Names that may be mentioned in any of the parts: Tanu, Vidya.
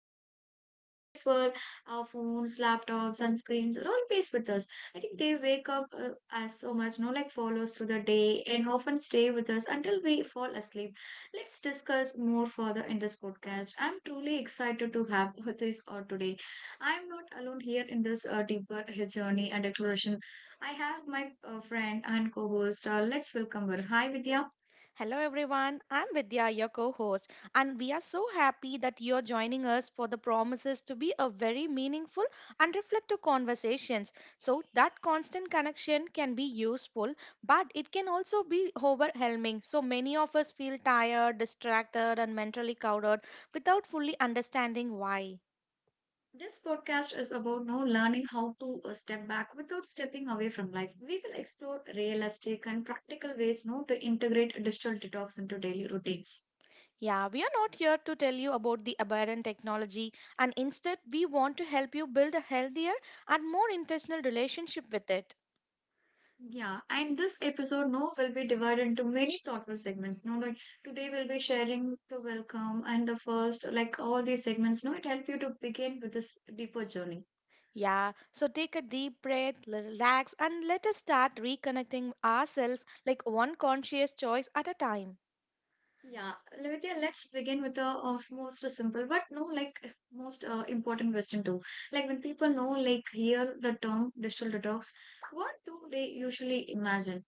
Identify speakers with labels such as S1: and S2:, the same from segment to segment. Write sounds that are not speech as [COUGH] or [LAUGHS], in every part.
S1: host Tanu, and today's world, our phones, laptops, and screens are all faced with us. I think they wake up as so much, no, like follows through the day and often stay with us until we fall asleep. Let's discuss more further in this podcast. I'm truly excited to have [LAUGHS] this or today. I'm not alone here in this deeper journey and exploration. I have my friend and co-host. Let's welcome her. Hi, Vidya.
S2: Hello everyone, I'm Vidya, your co host, and we are so happy that you're joining us for the promises to be a very meaningful and reflective conversations. So, that constant connection can be useful, but it can also be overwhelming. So, many of us feel tired, distracted, and mentally clouded without fully understanding why.
S1: This podcast is about now learning how to step back without stepping away from life. We will explore realistic and practical ways now to integrate digital detox into daily routines.
S2: Yeah, we are not here to tell you about the aberrant technology, and instead, we want to help you build a healthier and more intentional relationship with it.
S1: Yeah, and this episode now will be divided into many thoughtful segments. Now, like today we'll be sharing the welcome and the first, like all these segments. Now, it help you to begin with this deeper journey.
S2: Yeah, so take a deep breath, relax, and let us start reconnecting ourselves like one conscious choice at a time.
S1: Yeah, Lavitia, let's begin with the most simple, but no, like most important question too. Like when people know, like hear the term digital detox, what do they usually imagine?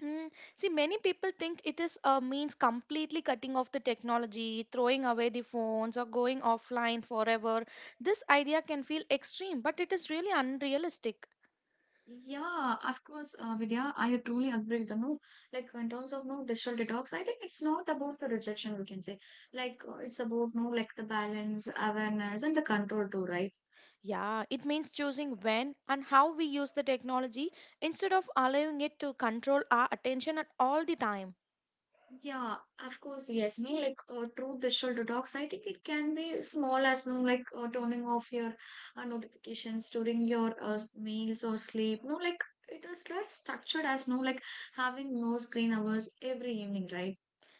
S2: Mm, see, many people think it is means completely cutting off the technology, throwing away the phones, or going offline forever. This idea can feel extreme, but it is really unrealistic.
S1: Yeah, of course, Vidya, I truly agree with you. No, like in terms of no digital detox, I think it's not about the rejection, we can say. Like it's about no, like the balance, awareness, and the control too, right?
S2: Yeah, it means choosing when and how we use the technology instead of allowing it to control our attention at all the time.
S1: Yeah, of course, yes. Me like true digital detox. I think it can be small as no like turning off your notifications during your meals or sleep. No, like it is less structured as no like having no screen hours every evening, right?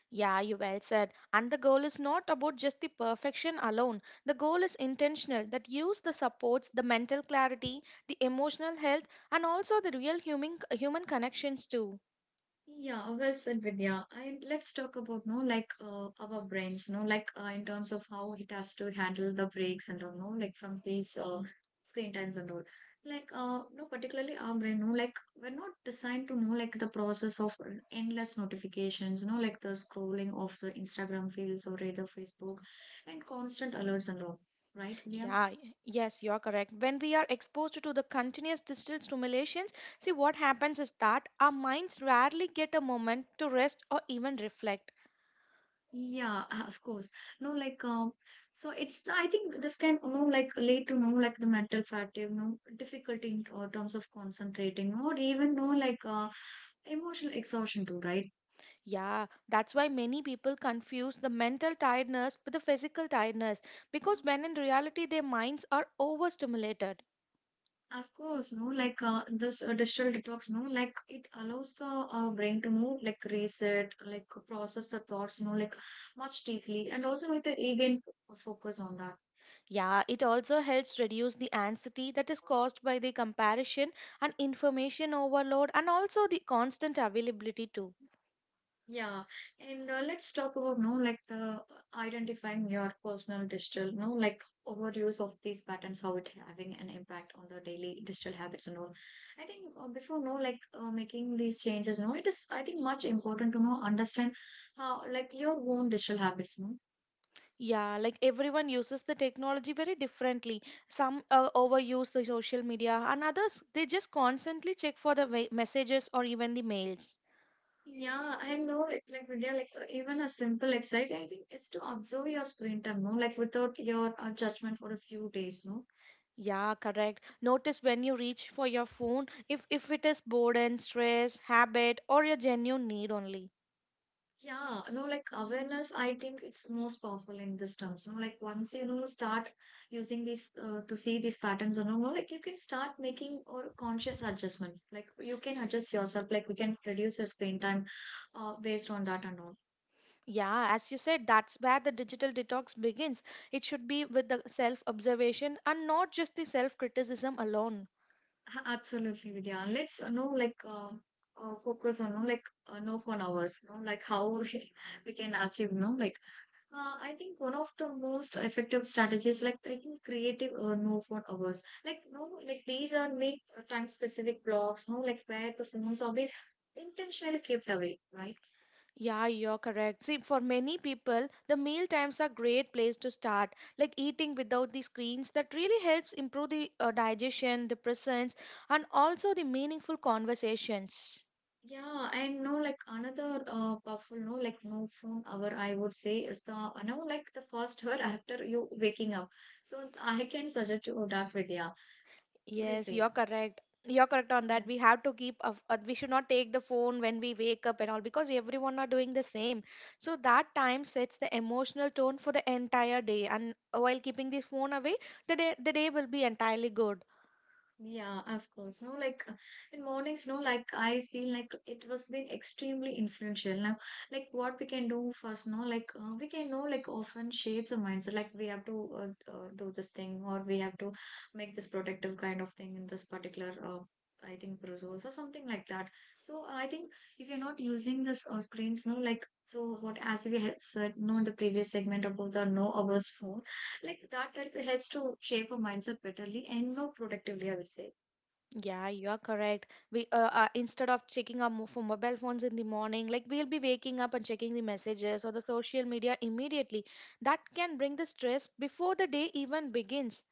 S2: Yeah, you well said. And the goal is not about just the perfection alone. The goal is intentional that use the supports, the mental clarity, the emotional health, and also the real human connections too.
S1: Yeah, well said, Vidya. And let's talk about no like our brains, no like in terms of how it has to handle the breaks and all, no like from these screen times and all. Like no particularly our brain, no like we're not designed to know like the process of endless notifications, no like the scrolling of the Instagram feeds or either Facebook and constant alerts and all, right, Vidya?
S2: Yes, you're correct. When we are exposed to the continuous digital stimulations, see what happens is that our minds rarely get a moment to rest or even reflect.
S1: Yeah, [LAUGHS] of course. No, like so it's I think this can you know like lead to you know like the mental fatigue, no difficulty in terms of concentrating, or even no like emotional exhaustion too, right?
S2: Yeah, that's why many people confuse the mental tiredness with the physical tiredness because when in reality their minds are overstimulated.
S1: Of course, no, like this digital detox, no, like it allows the brain to know, like reset, like process the thoughts, you know, like much deeply, and also like the regain focus on that.
S2: Yeah, it also helps reduce the anxiety that is caused by the comparison and information overload and also the constant availability too.
S1: Yeah, and let's talk about no like the identifying your personal digital no like overuse of these patterns how it having an impact on the daily digital habits and all. I think before no like making these changes no it is I think much important to know understand how like your own digital habits no.
S2: Yeah, like everyone uses the technology very differently. Some overuse the social media and others they just constantly check for the messages or even the mails.
S1: Yeah, I know like Vidya like even a simple exercise I think is to observe your screen time no like without your judgment for a few days no.
S2: Yeah, correct. Notice when you reach for your phone if it is boredom, stress, habit, or your genuine need only.
S1: Yeah, no, like awareness, I think it's most powerful in this terms. You know, like once you know start using these to see these patterns, you know, like you can start making or conscious adjustment. Like you can adjust yourself. Like we can reduce your screen time, based on that and all.
S2: Yeah, as you said, that's where the digital detox begins. It should be with the self-observation and not just the self-criticism alone.
S1: Absolutely, Vidya. And let's know like focus on no like no phone hours. You know, like how [LAUGHS] we can achieve no like. I think one of the most effective strategies, like I think creative or no phone hours, like no, like these are made time specific blocks, no, like where the phones are being intentionally kept away, right?
S2: Yeah, you're correct. See, for many people, the meal times are great place to start. Like eating without the screens, that really helps improve the digestion, the presence, and also the meaningful conversations.
S1: Yeah, and no, like another powerful no, like no phone hour, I would say is the no, like the first [LAUGHS] hour after you waking up. So I can suggest you that, Vidya. What do you
S2: Yes,
S1: say?
S2: you're correct. You're correct on that. We have to we should not take the phone when we wake up and all because everyone are doing the same. So that time sets the emotional tone for the entire day. And while keeping this phone away, the day will be entirely good.
S1: Yeah, of course. No, like in mornings, no, like I feel like it was been extremely influential. Now, like what we can do first, no, like we can know, like often shapes a mindset. Like we have to do this thing, or we have to make this protective kind of thing in this particular. I think resource or something like that. So I think if you're not using this screens, no, like so what as we have said, no, in the previous segment about the no hours phone like that like helps to shape a mindset betterly and more productively, I would say.
S2: Yeah, you're correct. We Instead of checking our for mobile phones in the morning, like we'll be waking up and checking the messages or the social media immediately. That can bring the stress before the day even begins.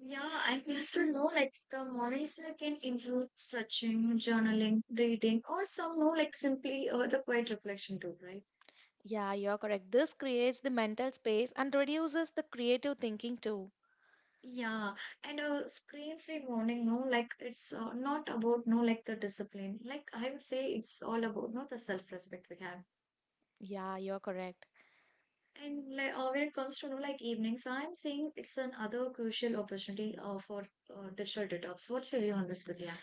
S1: Yeah, and we used to know like the mornings can include stretching, journaling, reading, or some no like simply the quiet reflection too, right?
S2: Yeah, you're correct. This creates the mental space and reduces the creative thinking too.
S1: Yeah, and a screen-free morning, no, like it's not about no like the discipline. Like I would say, it's all about no the self-respect we have.
S2: Yeah, you're correct.
S1: And like when it comes to no like evenings, I'm saying it's another crucial opportunity for digital detox. What's your view on this, Vidya?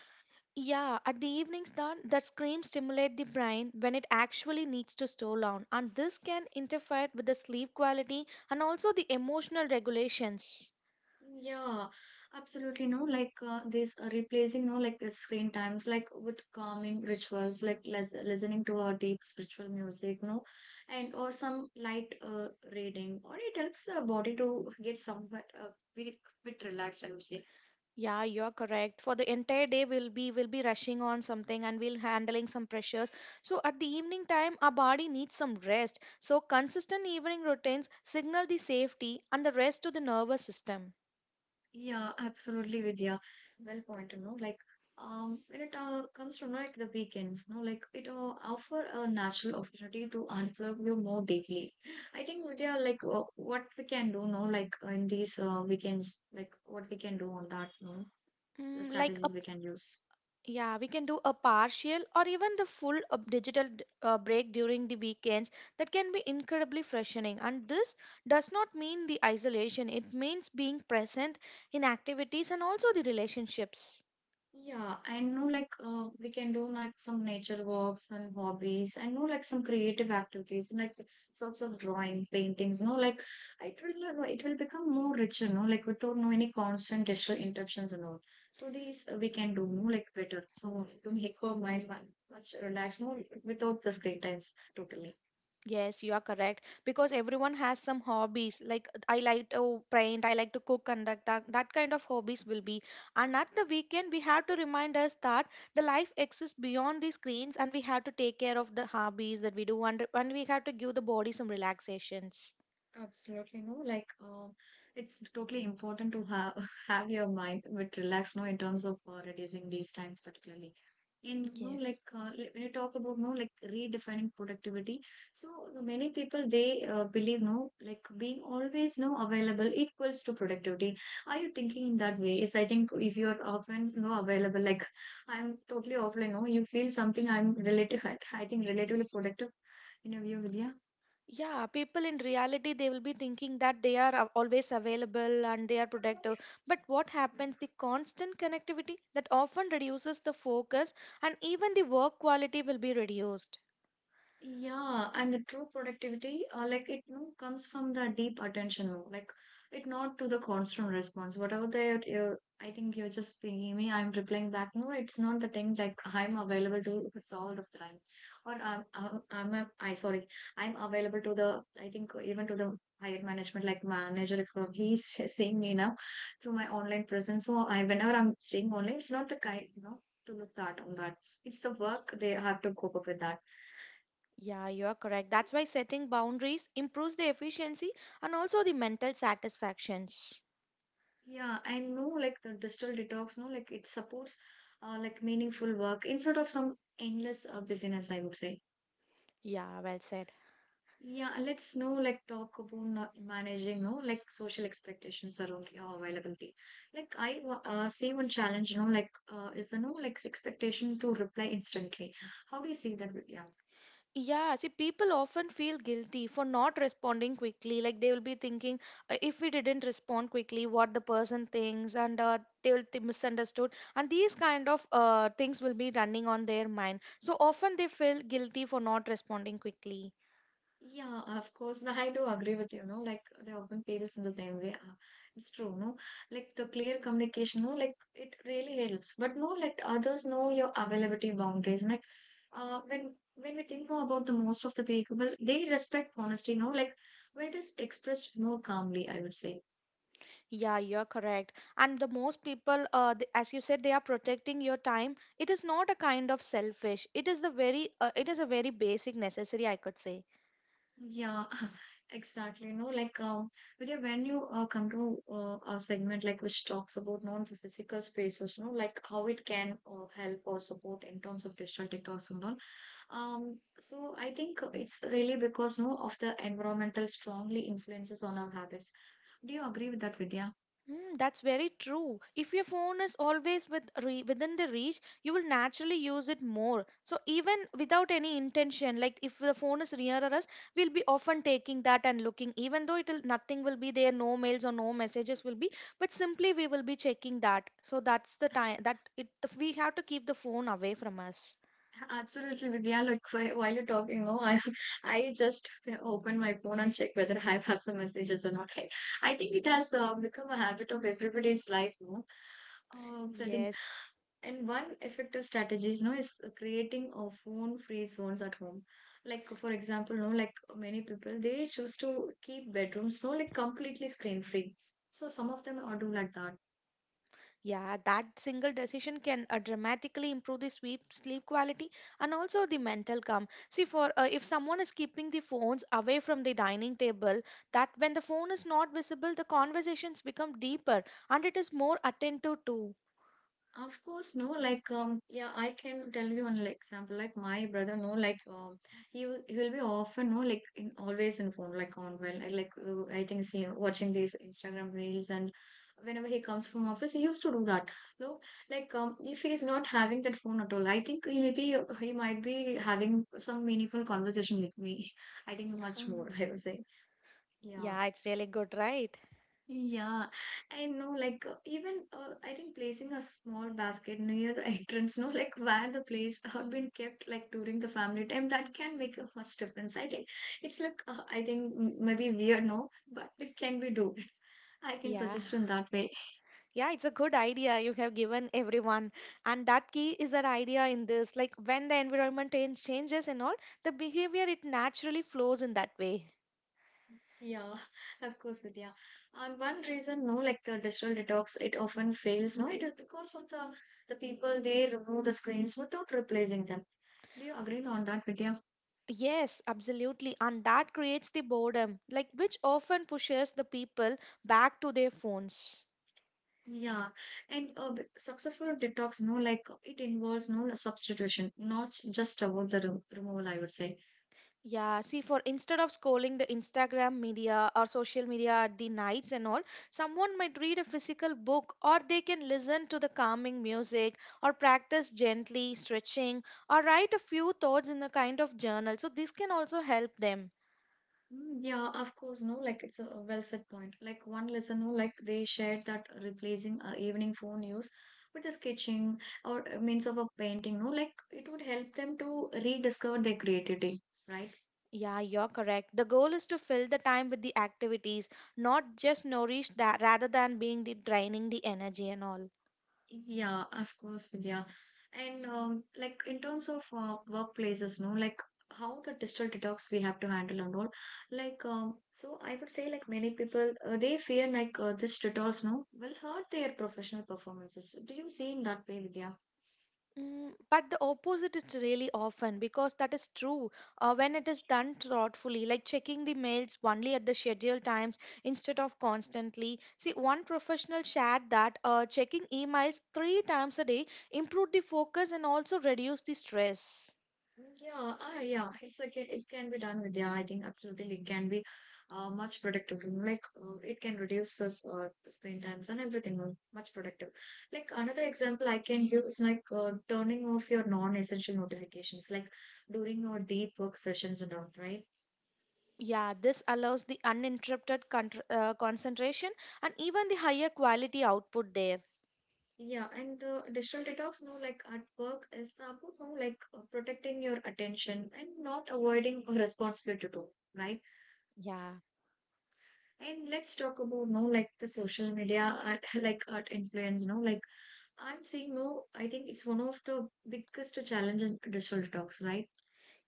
S2: Yeah, at the evenings then the screams stimulate the brain when it actually needs to slow down and this can interfere with the sleep quality and also the emotional regulations.
S1: Yeah, absolutely. No, like this replacing, no, like the screen times, like with calming rituals, like les listening to our deep spiritual music, no, and or some light reading, or it helps the body to get somewhat bit, bit relaxed, I would say.
S2: Yeah, you're correct. For the entire day we'll be rushing on something and we'll handling some pressures. So at the evening time our body needs some rest. So consistent evening routines signal the safety and the rest to the nervous system.
S1: Yeah, absolutely, Vidya. Well point, you know, like, when it comes from like the weekends, no, like it offer a natural opportunity to unplug you more deeply. I think, Vidya, like what we can do, no, like in these weekends, like what we can do on that, no, the
S2: Mm, like a
S1: strategies we can use.
S2: Yeah, we can do a partial or even the full of break during the weekends. That can be incredibly freshening. And this does not mean the isolation. It means being present in activities and also the relationships.
S1: Yeah, I know like we can do like some nature walks and hobbies. I know like some creative activities like sorts of drawing, paintings, no, like it will become more richer, no, like without no any constant digital interruptions and all. So these we can do no like better. So to make our mind fun, much relaxed, no, without the screen times totally.
S2: Yes, you are correct because everyone has some hobbies. Like I like to paint, I like to cook, and that kind of hobbies will be. And at the weekend, we have to remind us that the life exists beyond the screens, and we have to take care of the hobbies that we do, and we have to give the body some relaxations.
S1: Absolutely, no, like it's totally important to have [LAUGHS] have your mind a bit relaxed, no, in terms of reducing these times particularly. And you know,
S2: Yes.
S1: like when you talk about no, like redefining productivity, so many people they believe no, like being always no available equals to productivity. Are you thinking in that way? Is I think if you are often no available, like I'm totally offline, no, you feel something. I'm relative. [LAUGHS] I think relatively productive in a view, Vidya.
S2: Yeah, people in reality, they will be thinking that they are always available and they are productive. But what happens? The constant connectivity that often reduces the focus and even the work quality will be reduced.
S1: Yeah, and the true productivity, like it you know, comes from the deep attention, no? Like it not to the constant response. Whatever the you I think you're just pinging me, I'm replying back. No, it's not the thing like I'm available to it's all the time, or I sorry, I'm available to the I think even to the higher management like manager if [LAUGHS] he's seeing me now through my online presence. So I whenever I'm staying online, it's not the kind you know to look that on that. It's the work they have to cope up with that.
S2: Yeah, you are correct. That's why setting boundaries improves the efficiency and also the mental satisfactions.
S1: Yeah, I know like the digital detox, no, like it supports like meaningful work instead of some endless busyness, I would say.
S2: Yeah, well said.
S1: Yeah, and let's know like talk about no- managing, no, like social expectations around your availability. Like see one challenge, you know, like is the no like expectation to reply instantly. How do you see that? Yeah.
S2: Yeah, see, people often feel guilty for not responding quickly. Like they will be thinking, if we didn't respond quickly, what the person thinks, and they will misunderstood, and these kind of things will be running on their mind. So often they feel guilty for not responding quickly.
S1: Yeah, of course. No, I do agree with you, no? Like they often play this in the same way. It's true, no? Like the clear communication, no? Like it really helps. But no, let others know your availability boundaries. Like when we think about the most of the people, they respect honesty, no? Like when it is expressed more calmly, I would say.
S2: Yeah, you're correct. And the most people, as you said, they are protecting your time. It is not a kind of selfish. It is the it is a very basic necessary, I could say.
S1: Yeah, [LAUGHS] exactly. No, like but yeah, when you come to a segment like which talks about non-physical spaces, you know, like how it can help or support in terms of digital detox and all. So I think it's really because no of the environmental strongly influences on our habits. Do you agree with that, Vidya?
S2: Mm, that's very true. If your phone is always within the reach, you will naturally use it more. So even without any intention, like if the phone is nearer us, we'll be often taking that and looking, even though it'll nothing will be there, no mails or no messages will be, but simply we will be checking that. So that's the time that it we have to keep the phone away from us.
S1: Absolutely, Vidya. Look, while you're talking, no, I [LAUGHS] I just open my phone and check whether I have some messages or not. I think it has become a habit of everybody's life, no? So I think,
S2: Yes.
S1: and one effective strategies, no, is creating a phone-free zones at home. Like for example, no, like many people they choose to keep bedrooms, no, like completely screen-free. So some of them are do like that.
S2: Yeah, that single decision can dramatically improve the sleep quality and also the mental calm. See, for if someone is keeping the phones away from the dining table, that when the phone is not visible, the conversations become deeper and it is more attentive too.
S1: Of course, no, like yeah, I can tell you one like, example. Like my brother, no, like he will be often, no, like in always in phone, like on well, I like I think see watching these Instagram reels, and whenever he comes from office, he used to do that. No, like if he's not having that phone at all, I think he maybe he might be having some meaningful conversation with me. [LAUGHS] I think much
S2: Mm.
S1: more, I would say. Yeah.
S2: Yeah, it's really good, right?
S1: Yeah, I know. Like even I think placing a small basket near the [LAUGHS] entrance, no, like where the place [LAUGHS] have been kept, like during the family time, that can make a much difference. I think it's like I think maybe weird, no, but it can be do. [LAUGHS] I can
S2: Yeah.
S1: suggest in that way.
S2: Yeah, it's a good idea you have given everyone. And that key is that idea in this. Like when the changes and all, the behavior it naturally flows in that way.
S1: Yeah, [LAUGHS] of course, Vidya. And one reason, no, like the digital detox, it often fails, no, it is because of the people they remove the screens without replacing them. Do you agree on that, Vidya?
S2: Yes, absolutely. And that creates the boredom, like which often pushes the people back to their phones.
S1: Yeah, and the successful detox, no, like it involves no like, substitution, not just about the removal, I would say.
S2: Yeah, see, for instead of scrolling the Instagram media or social media at the nights and all, someone might read a physical book or they can listen to the calming music or practice gently stretching or write a few thoughts in a kind of journal. So, this can also help them.
S1: Mm, yeah, of course, no, like it's a well said point. Like one listener, like they shared that replacing evening phone use with a sketching or a means of a painting, no, like it would help them to rediscover their creativity, right?
S2: Yeah, you're correct. The goal is to fill the time with the activities, not just nourish that rather than being the draining the energy and all.
S1: Yeah, of course, Vidya. And like in terms of workplaces, no, like how the digital detox we have to handle and all. Like, so I would say like many people they fear like this detox, no, will hurt their professional performances. Do you see in that way, Vidya?
S2: Mm, but the opposite is really often because that is true when it is done thoughtfully, like checking the mails only at the scheduled times instead of constantly. See, one professional shared that checking emails three times a day improved the focus and also reduced the stress.
S1: Yeah, ah, yeah, it's like it can be done with yeah. I think absolutely it can be much productive. You know, like it can reduce this screen times and everything. Much productive. Like another example I can give is like turning off your non-essential notifications, like during your deep work sessions and all, right?
S2: Yeah, this allows the uninterrupted contr concentration and even the higher quality output there.
S1: Yeah, and the digital detox, no, like at work is about no, like protecting your attention and not avoiding a responsibility too, right?
S2: Yeah.
S1: And let's talk about no like the social media art, [LAUGHS] like art influence, no like I'm saying no. I think it's one of the biggest challenge in digital talks, right?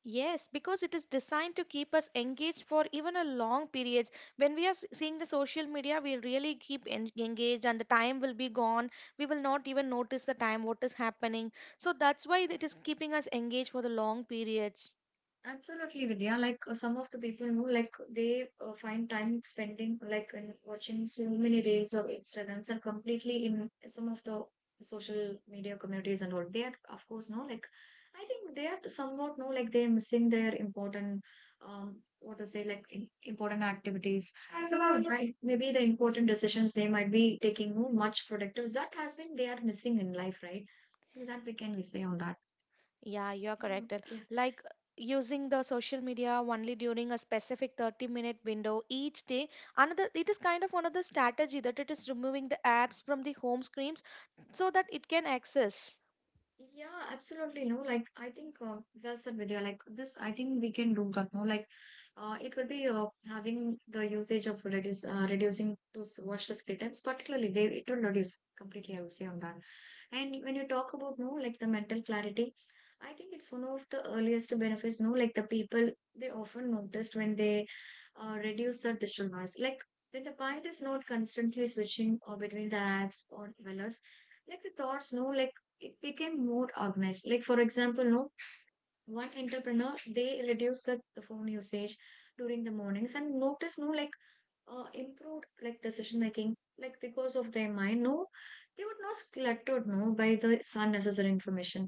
S2: Yes, because it is designed to keep us engaged for even a long periods. When we are seeing the social media, we'll really keep engaged and the time will be gone. We will not even notice the time, what is happening. So that's why it is keeping us engaged for the long periods.
S1: Absolutely, Vidya. Like some of the people know, like they find time spending like in watching so many reels of Instagrams and completely in some of the social media communities and all. They are, of course, no, like I think they are somewhat no, like they are missing their important, what to say, like important activities. Somehow, right? Maybe the important decisions they might be taking no much productive. That has been they are missing in life, right? So that we can say on that.
S2: Yeah, you're
S1: Um,
S2: correct. And like using the social media only during a specific 30-minute window each day. Another, it is kind of another strategy that it is removing the apps from the home screens so that it can access.
S1: Yeah, absolutely. No, like I think well said, Vidya. Like this, I think we can do that. No, like it will be having the usage of reduce reducing those washless items, particularly they it will reduce completely. I would say on that. And when you talk about no, like the mental clarity, I think it's one of the earliest benefits. No, like the people they often noticed when they reduce the digital noise, like. When the mind is not constantly switching or between the apps or dwellers, like the thoughts, no, like it became more organized. Like for example, no one entrepreneur they reduced the phone usage during the mornings and noticed no like improved like decision making like because of their mind. No, they were not cluttered no by the unnecessary information.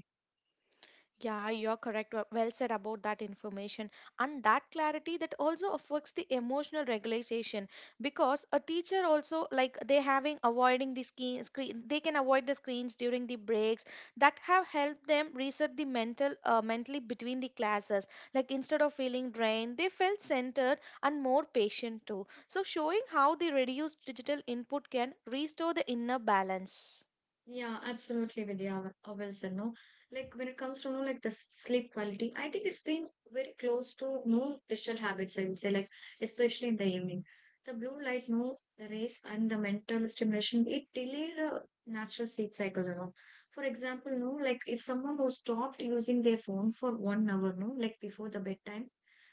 S2: Yeah, you're correct. Well said about that information. And that clarity that also affects the emotional regulation because a teacher also like they having avoiding the screen, they can avoid the screens during the breaks that have helped them reset the mental mentally between the classes. Like instead of feeling drained, they felt centered and more patient too. So showing how the reduced digital input can restore the inner balance.
S1: Yeah, absolutely, Vidya. Well said, no? Like when it comes to know like the sleep quality, I think it's been very close to no digital habits, I would say, like especially in the evening. The blue light, no, the rays and the mental stimulation, it delay the natural sleep cycles, you know. For example, no, like if someone who stopped using their phone for 1 hour, no, like before the bedtime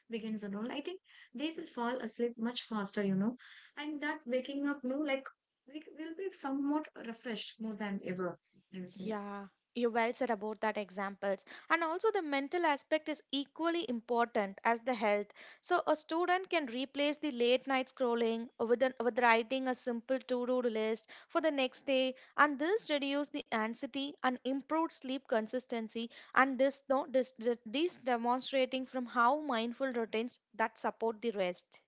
S1: begins and all, I think they will fall asleep much faster, you know. And that waking up, no, like we will be somewhat refreshed more than ever, I would say.
S2: Yeah, you well said about that examples. And also the mental aspect is equally important as the health. So a student can replace the late night scrolling with writing a simple to-do list for the next day and this reduce the anxiety and improve sleep consistency and this no this, this demonstrating from how mindful routines that support the rest.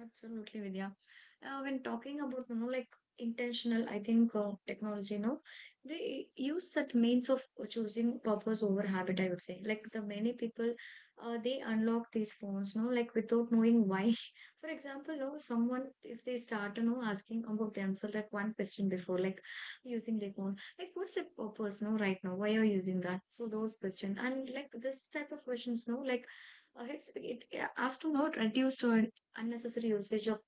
S1: Absolutely, Vidya. When talking about, you know, like intentional, I think technology, you know, they use that means of choosing purpose over habit, I would say. Like the many people, they unlock these phones, you know, like without knowing why. [LAUGHS] For example, you know, someone, if they start, you know, asking about themselves, like one question before, like using their phone, like what's the purpose, you know, right now? Why are you using that? So those questions. And like this type of questions, you know, like it astronaut reduced our unnecessary usage of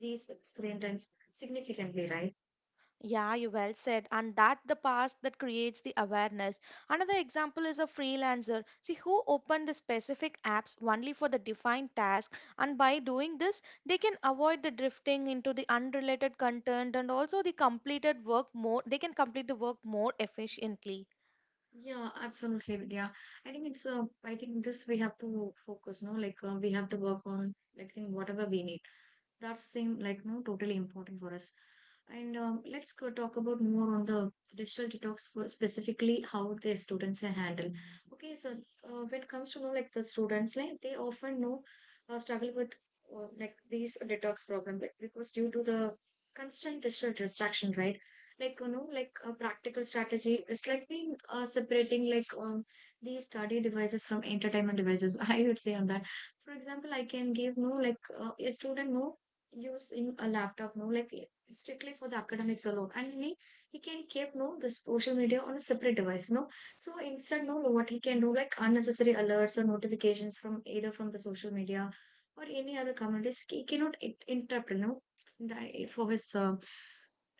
S1: these screen times significantly, right?
S2: Yeah, you well said. And that the past that creates the awareness. Another example is a freelancer. See who opened the specific apps only for the defined task, and by doing this, they can avoid the drifting into the unrelated content and also the complete the work more efficiently.
S1: Yeah, absolutely, Vidya. I think it's I think this we have to focus, no? Like we have to work on like think whatever we need. That seem like no totally important for us and let's go talk about more on the digital detox for specifically how the students are handled. Okay, so when it comes to know like the students like they often know struggle with like these detox problem because due to the constant digital distraction, right? Like you know like a practical strategy is like being separating like these study devices from entertainment devices. [LAUGHS] I would say on that. For example, I can give no like a student no using a laptop no like strictly for the academics alone, and he can keep no the social media on a separate device, no. So instead no what he can do like unnecessary alerts or notifications from either from the social media or any other communities he cannot interrupt no the, for his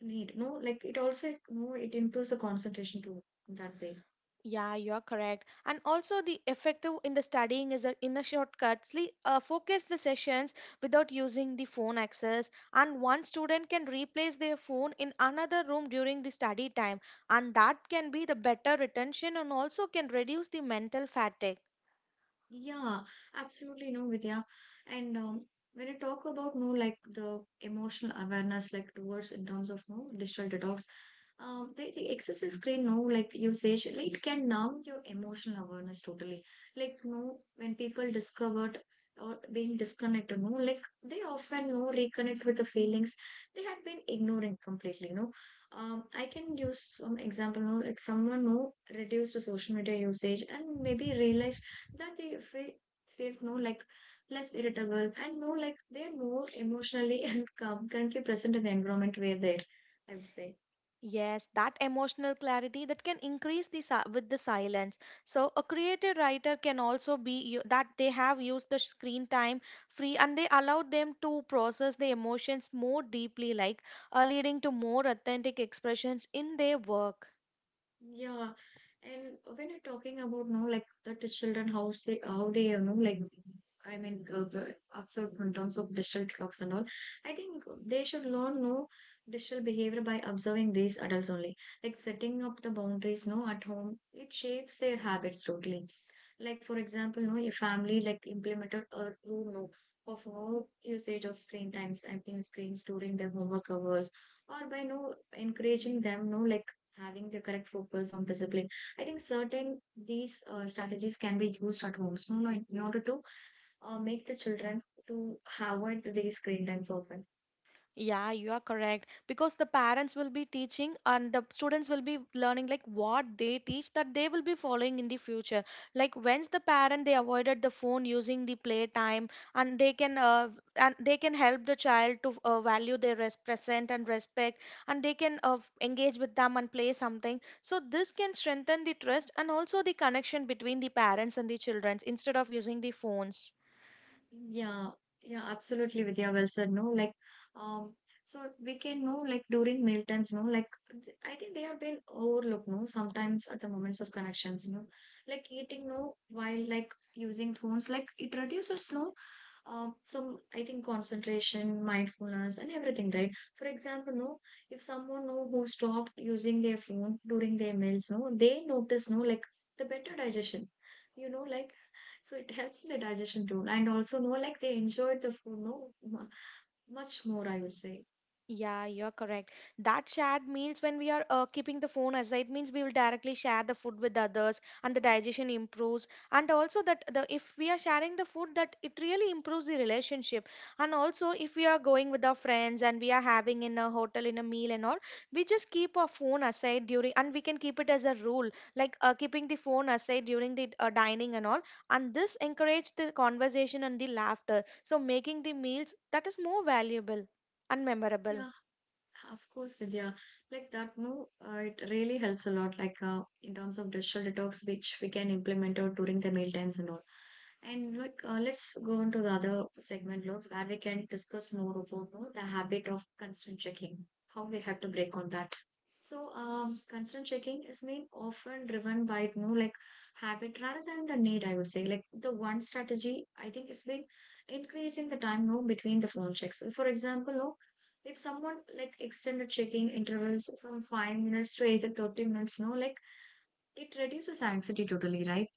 S1: need no like it also no it improves the concentration too that way.
S2: Yeah, you're correct. And also, the effective in the studying is a, in a shortcut. Focus the sessions without using the phone access, and one student can replace their phone in another room during the study time, and that can be the better retention and also can reduce the mental fatigue.
S1: Yeah, absolutely no, Vidya. And when I talk about no, like the emotional awareness, like towards in terms of no digital detox, the excessive screen, no, like usage, like it can numb your emotional awareness totally. Like no, when people discovered or being disconnected, no, like they often no reconnect with the feelings they had been ignoring completely. No, I can use some example, no, like someone no reduced the social media usage and maybe realize that feel no like less irritable and no like they're more emotionally [LAUGHS] and calm, currently present in the environment where they're, I would say.
S2: Yes, that emotional clarity that can increase the with the silence. So a creative writer can also that they have used the screen time free and they allowed them to process the emotions more deeply, leading to more authentic expressions in their work.
S1: Yeah, and when you're talking about no, like the children, how they, you know, like I mean, the observe in terms of digital clocks and all. I think they should learn no digital behavior by observing these adults only. Like setting up the boundaries, no, at home, it shapes their habits totally. Like for example, no, your family like implemented a rule no of no usage of screen times, I think screens during their homework hours, or by no encouraging them, no, like having the correct focus on discipline. I think certain these strategies can be used at homes, no, no, in order to make the children to avoid these screen times often.
S2: Yeah, you are correct. Because the parents will be teaching and the students will be learning like what they teach that they will be following in the future. Like when's the parent they avoided the phone using the playtime and they can help the child to value their present and respect and they can engage with them and play something. So this can strengthen the trust and also the connection between the parents and the children instead of using the phones.
S1: Yeah, yeah, absolutely, Vidya. Well said. No, like, um, so we can know, like, during meal times, no, like, I think they have been overlooked, no, sometimes at the moments of connections, you know, like eating, no, while like using phones, like, it reduces, no, some, I think, concentration, mindfulness, and everything, right? For example, no, if someone, no, who stopped using their phone during their meals, no, they notice, no, like, the better digestion, you know, like, so it helps in the digestion too. And also, no, like they enjoyed the food, no, much more, I would say.
S2: Yeah, you're correct. That shared meals, when we are keeping the phone aside, means we will directly share the food with others, and the digestion improves. And also that the if we are sharing the food, that it really improves the relationship. And also if we are going with our friends and we are having in a hotel in a meal and all, we just keep our phone aside during, and we can keep it as a rule, like keeping the phone aside during the dining and all. And this encourages the conversation and the laughter. So making the meals that is more valuable and memorable.
S1: Yeah, of course, Vidya. Like that move, it really helps a lot, like in terms of digital detox, which we can implement out during the meal times and all. And like, let's go on to the other segment, Lord, where we can discuss more about you know, the habit of constant checking, how we have to break on that. So, constant checking is mean often driven by you know like habit rather than the need. I would say like the one strategy I think is been increasing the time you know, between the phone checks. For example, no if someone like extended checking intervals from 5 minutes to either 30 minutes no like it reduces anxiety totally, right?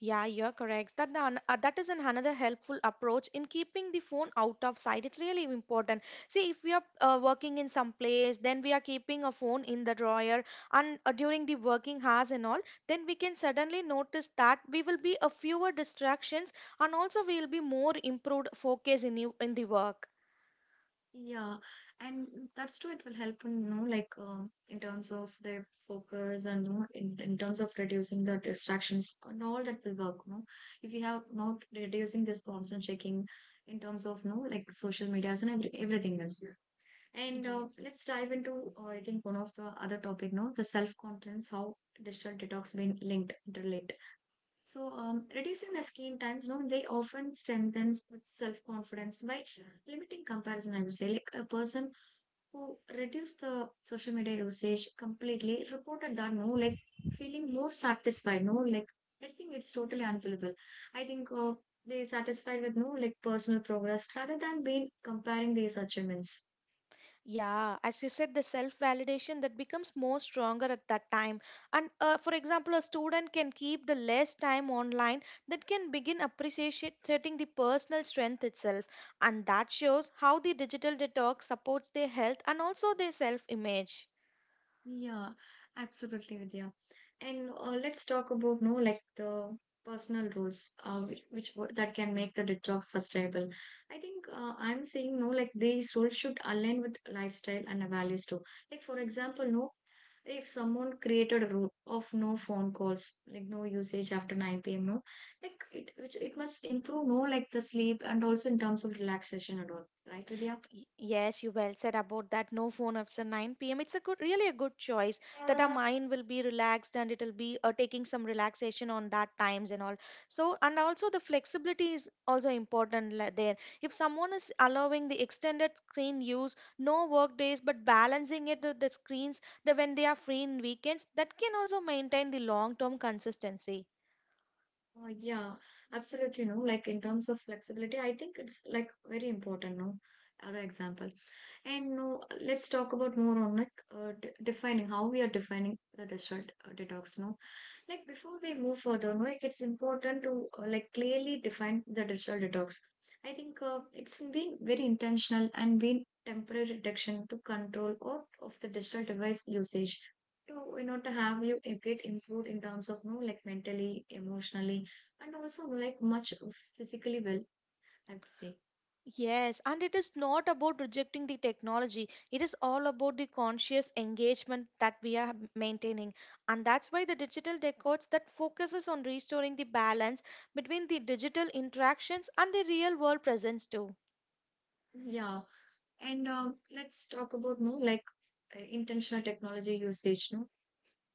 S2: Yeah, you're correct. That is an another helpful approach in keeping the phone out of sight. It's really important. See, if we are working in some place, then we are keeping a phone in the drawer, and during the working hours and all, then we can suddenly notice that we will be a fewer distractions, and also we will be more improved focus in you in the work.
S1: Yeah, and that's true, it will help in you know like in terms of their focus and you know, in terms of reducing the distractions and all that will work no if you have not reducing this constant checking in terms of no like social medias and everything else. And
S2: Yes.
S1: let's dive into I think one of the other topic no the self-confidence how digital detox been linked interlinked. So, reducing the screen times, no, they often strengthens with self-confidence by limiting comparison. I would say, like a person who reduced the social media usage completely reported that no, like feeling more satisfied. No, like I think it's totally unbelievable. I think they satisfied with no, like personal progress rather than being comparing these achievements.
S2: Yeah, as you said, the self validation that becomes more stronger at that time. And for example, a student can keep the less time online that can begin appreciating the personal strength itself. And that shows how the digital detox supports their health and also their self image.
S1: Yeah, absolutely, Vidya. And let's talk about no like the personal rules that can make the detox sustainable. I think I'm saying no like these rules should align with lifestyle and values too. Like for example, no if someone created a rule of no phone calls, like no usage after 9 p.m. No, like it which it must improve no like the sleep and also in terms of relaxation and all, right, Vidya?
S2: Yes, you well said about that. No phone after 9 p.m. It's a good, really a good choice that our mind will be relaxed and it'll be taking some relaxation on that times and all. So, and also the flexibility is also important there. If someone is allowing the extended screen use, no work days, but balancing it with the screens that when they are free in weekends, that can also maintain the long-term consistency.
S1: Yeah, absolutely. No, like in terms of flexibility, I think it's like very important. No, other example, and no, let's talk about more on like d defining how we are defining the digital detox. No, like before we move further, no, like it's important to like clearly define the digital detox. I think it's been very intentional and been temporary reduction to control or of the digital device usage. To, you know, to have you get improved in terms of no like mentally, emotionally, and also like much physically well, I would say.
S2: Yes, and it is not about rejecting the technology. It is all about the conscious engagement that we are maintaining. And that's why the digital decades that focuses on restoring the balance between the digital interactions and the real world presence too.
S1: Yeah, and let's talk about no like intentional technology usage. No,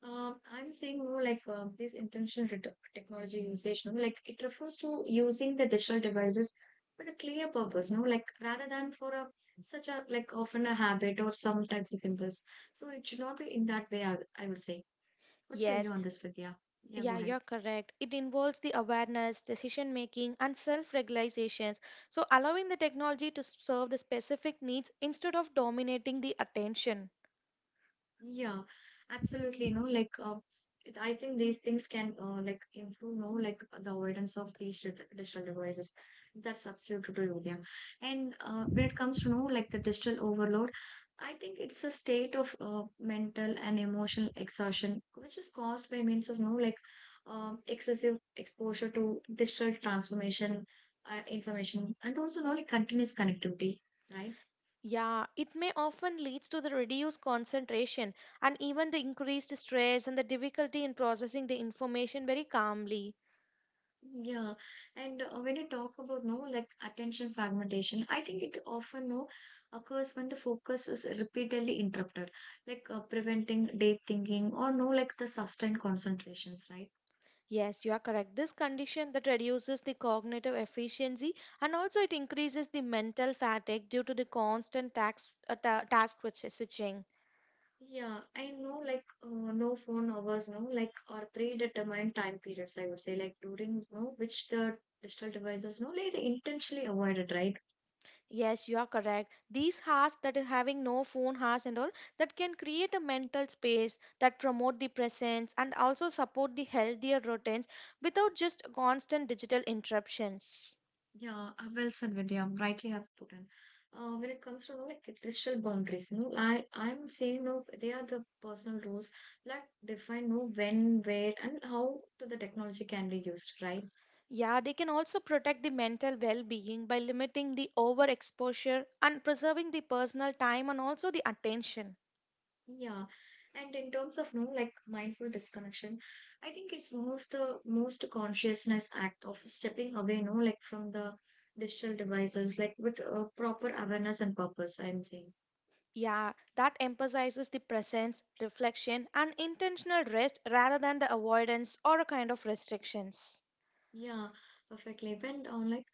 S1: I'm saying more like this intentional technology usage. No, like it refers to using the digital devices with a clear purpose. No, like rather than for a such a like often a habit or some types of impulse. So it should not be in that way. I would say. What's your view
S2: Yes,
S1: on this, Vidya? Yeah, go
S2: yeah,
S1: ahead.
S2: you're correct. It involves the awareness, decision making, and self regulations. So, allowing the technology to serve the specific needs instead of dominating the attention.
S1: Yeah, absolutely. No, like I think these things can like improve. No, like the avoidance of these digital devices. That's absolutely true, Yulia. And when it comes to no, like the digital overload, I think it's a state of mental and emotional exhaustion, which is caused by means of no, like excessive exposure to digital transformation, information, and also no, like continuous connectivity, right?
S2: Yeah, it may often leads to the reduced concentration and even the increased stress and the difficulty in processing the information very calmly.
S1: Yeah, and when you talk about no like attention fragmentation, I think it often no occurs when the focus is repeatedly interrupted, like preventing deep thinking or no like the sustained concentrations, right?
S2: Yes, you are correct. This condition that reduces the cognitive efficiency and also it increases the mental fatigue due to the switching.
S1: Yeah, I know like no phone hours, no like or predetermined time periods. I would say like during no which the digital devices no like they intentionally avoided, right?
S2: Yes, you are correct. These has that are having no phone has and all that can create a mental space that promote the presence and also support the healthier routines without just constant digital interruptions.
S1: Yeah, well said, Vidya. Rightly have put in. When it comes to like digital boundaries, no, I'm saying no. They are the personal rules that define no when, where, and how to the technology can be used, right?
S2: Yeah, they can also protect the mental well-being by limiting the overexposure and preserving the personal time and also the attention.
S1: Yeah, and in terms of no like mindful disconnection, I think it's one of the most consciousness act of stepping away, no, like from the digital devices, like with proper awareness and purpose. I'm saying.
S2: Yeah, that emphasizes the presence, reflection, and intentional rest rather than the avoidance or a kind of restrictions.
S1: Yeah, perfectly. When on like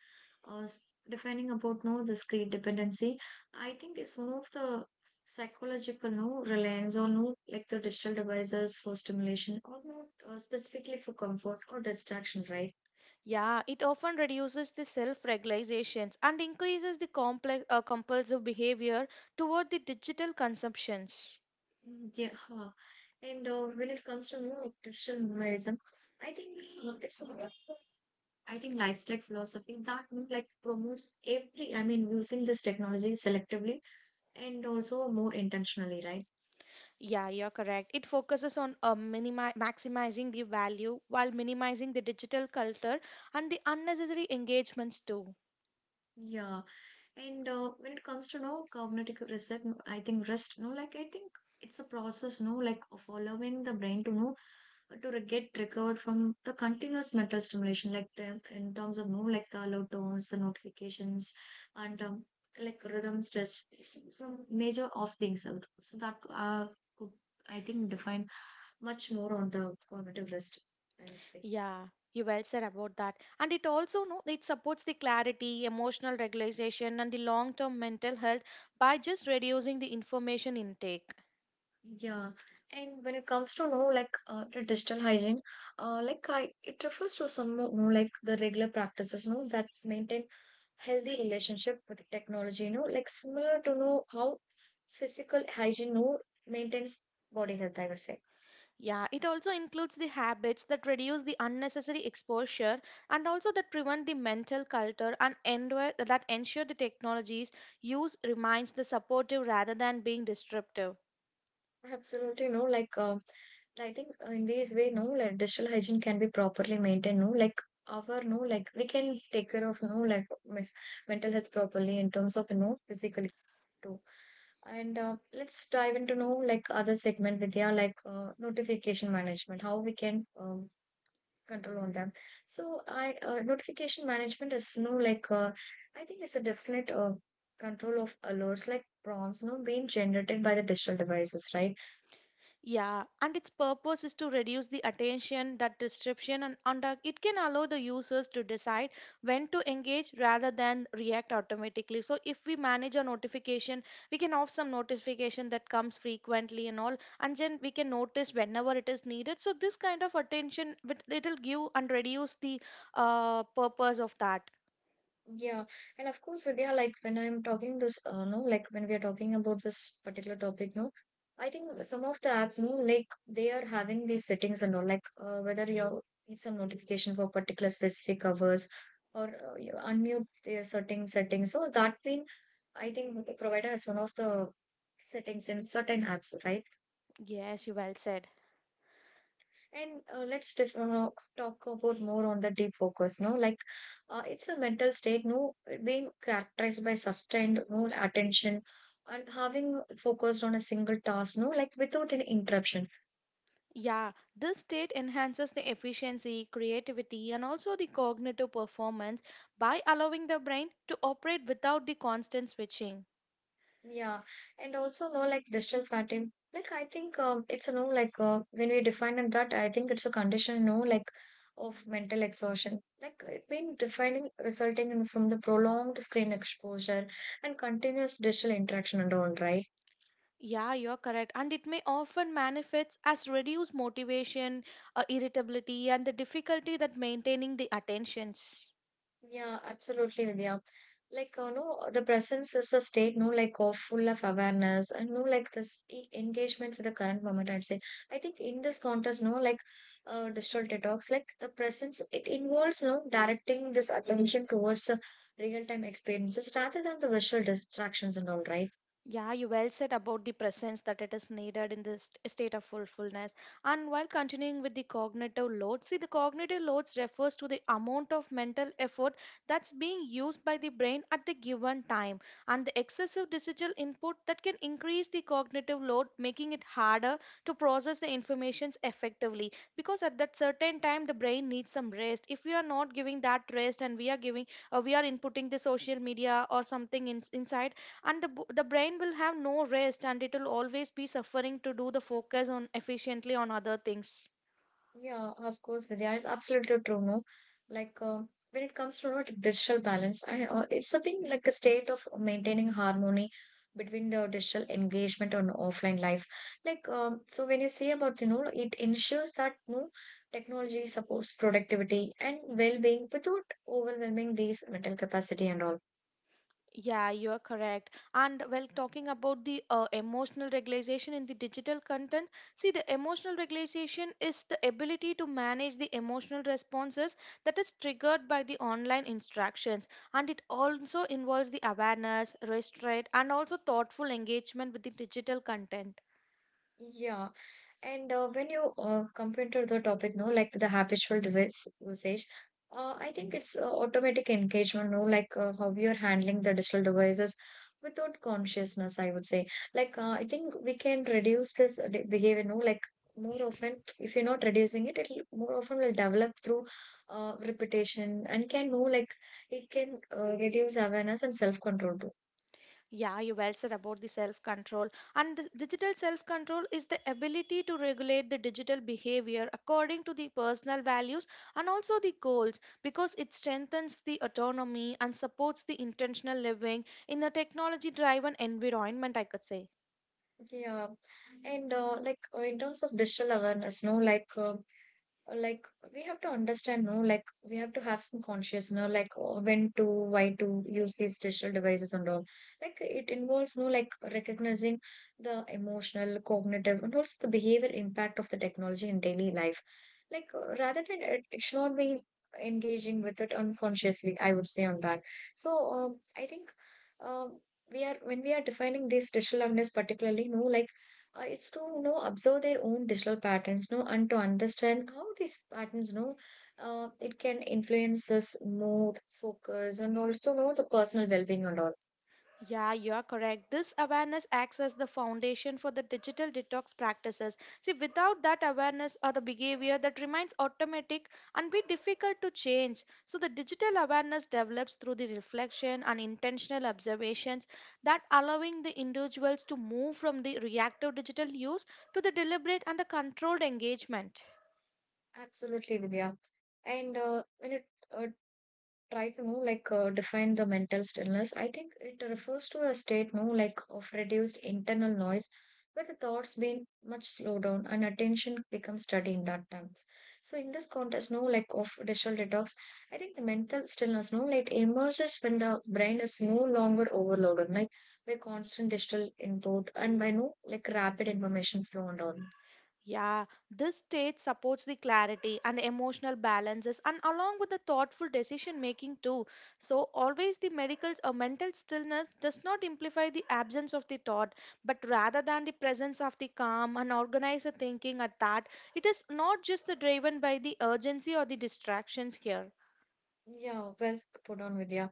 S1: uh, s- defining about no this great dependency, I think it's one of the psychological no reliance on no like the digital devices for stimulation or not specifically for comfort or distraction, right?
S2: Yeah, it often reduces the self regulations and increases the compulsive behavior toward the digital consumptions.
S1: Mm, yeah, huh. And when it comes to no like, digital minimalism, I think uh, it's a- I think lifestyle philosophy that no, like promotes every I mean using this technology selectively and also more intentionally, right?
S2: Yeah, you're correct. It focuses on maximizing the value while minimizing the digital culture and the unnecessary engagements too.
S1: Yeah. And when it comes to no cognitive reset, no, I think rest, no, like I think it's a process, no, like of allowing the brain to know to get recovered from the continuous mental stimulation, like in terms of no, like the alert tones, the notifications, and like rhythm, stress, some major of things. So that could I think define much more on the cognitive rest. I would say.
S2: Yeah, you well said about that. And it also no, it supports the clarity, emotional regulation, and the long-term mental health by just reducing the information intake.
S1: Yeah, and when it comes to know like the digital hygiene, like I it refers to some you know, like the regular practices, you know, that maintain healthy relationship with technology, you know, like similar to know how physical hygiene, you know, maintains body health. I would say
S2: Yeah, it also includes the habits that reduce the unnecessary exposure and also that prevent the mental culture and endure, that ensure the technology's use remains the supportive rather than being disruptive.
S1: absolutely, you know, like I think in this way, no, like digital hygiene can be properly maintained, no, like our, no, like we can take care of, no, like mental health properly in terms of, you know, physical. True. And let's dive into know like other segment with yeah like notification management, how we can control on them. So I notification management is no like I think it's a definite control of alerts like prompts no being generated by the digital devices, right?
S2: Yeah, and its purpose is to reduce the attention, that disruption, and it can allow the users to decide when to engage rather than react automatically. So, if we manage a notification, we can off some notification that comes frequently and all, and then we can notice whenever it is needed. So, this kind of attention it will give and reduce the purpose of that.
S1: Yeah, and of course, Vidya, like when we are talking about this particular topic, no, I think some of the apps, no, like they are having these settings and all, like whether you need some notification for particular specific hours or you unmute their certain settings. So that been, I think, provider is one of the settings in certain apps, right?
S2: Yes, you well said.
S1: And let's def talk about more on the deep focus. No, like it's a mental state. No, being characterized by sustained no attention and having focused on a single task. No, like without any interruption.
S2: Yeah, this state enhances the efficiency, creativity, and also the cognitive performance by allowing the brain to operate without the constant switching.
S1: Yeah, and also no like digital fatigue. Like I think it's a no like when we define in that, I think it's a condition. No, like of mental exhaustion. Like it been defining resulting in from the prolonged screen exposure and continuous digital interaction and all, right?
S2: Yeah, you're correct. And it may often manifest as reduced motivation, irritability, and the difficulty that maintaining the attentions.
S1: Yeah, absolutely, Vidya. Like, no, the presence is the state, no, like, of full of awareness and no, like, this engagement with the current moment, I'd say. I think in this contest, no, like, digital detox, like, the presence, it involves, no, directing this attention towards the real time experiences rather than the visual distractions and all, right?
S2: Yeah, you well said about the presence that it is needed in this state of fullfulness. And while continuing with the cognitive load, see, the cognitive loads refers to the amount of mental effort that's being used by the brain at the given time, and the excessive digital input that can increase the cognitive load, making it harder to process the informations effectively. Because at that certain time, the brain needs some rest. If we are not giving that rest, and we are giving, we are inputting the social media or something in, inside and the brain will have no rest and it will always be suffering to do the focus on efficiently on other things.
S1: Yeah, of course, Vidya, it's absolutely true, no? Like, when it comes to you know, digital balance, it's something like a state of maintaining harmony between the digital engagement and offline life. Like, so when you say about, you know, it ensures that, no technology supports productivity and well-being without overwhelming these mental capacity and all.
S2: Yeah, you are correct, and well talking about the emotional regulation in the digital content. See, the emotional regulation is the ability to manage the emotional responses that is triggered by the online instructions, and it also involves the awareness restraint and also thoughtful engagement with the digital content.
S1: Yeah, and when you compare to the topic, no, like the habitual device usage, I think it's automatic engagement, no, like how we are handling the digital devices without consciousness, I would say. Like, I think we can reduce this behavior, no, like more often, if you're not reducing it, it'll more often will develop through repetition and can know, like, it can reduce awareness and self-control too.
S2: Yeah, you well said about the self control. And the digital self control is the ability to regulate the digital behavior according to the personal values and also the goals because it strengthens the autonomy and supports the intentional living in a technology driven environment, I could say.
S1: Yeah. And like in terms of digital awareness, no, like we have to understand no like we have to have some conscious no like when to why to use these digital devices and all, like it involves no like recognizing the emotional cognitive and also the behavior impact of the technology in daily life, like rather than it should not be engaging with it unconsciously, I would say on that. So I think um, we are when we are defining this digital awareness particularly no like it's to you know observe their own digital patterns no and to understand how these patterns you know it can influence us mood focus and also you know the personal well-being and all.
S2: Yeah, you are correct. This awareness acts as the foundation for the digital detox practices. See, without that awareness or the behavior that remains automatic and be difficult to change. So, the digital awareness develops through the reflection and intentional observations that allowing the individuals to move from the reactive digital use to the deliberate and the controlled engagement.
S1: Absolutely, Divya. And when it uh, try to know like define the mental stillness, I think it refers to a state no like of reduced internal noise where the thoughts being much slowed down and attention becomes steady in that times. So in this context no like of digital detox, I think the mental stillness no like emerges when the brain is no longer overloaded like by constant digital input and by no like rapid information flow and all.
S2: Yeah, this state supports the clarity and the emotional balances and along with the thoughtful decision making too. So always the medical or mental stillness does not amplify the absence of the thought, but rather than the presence of the calm and organized thinking at that, it is not just the driven by the urgency or the distractions here.
S1: Yeah, well put on, Vidya.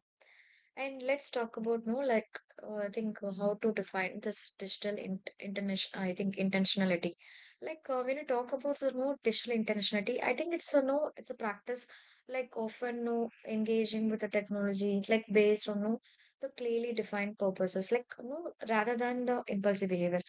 S1: And let's talk about no like I think how to define this digital in international I think intentionality. Like when you talk about the no digital intentionality, I think it's a no it's a practice like often no engaging with the technology like based on no the clearly defined purposes like no rather than the impulsive behavior.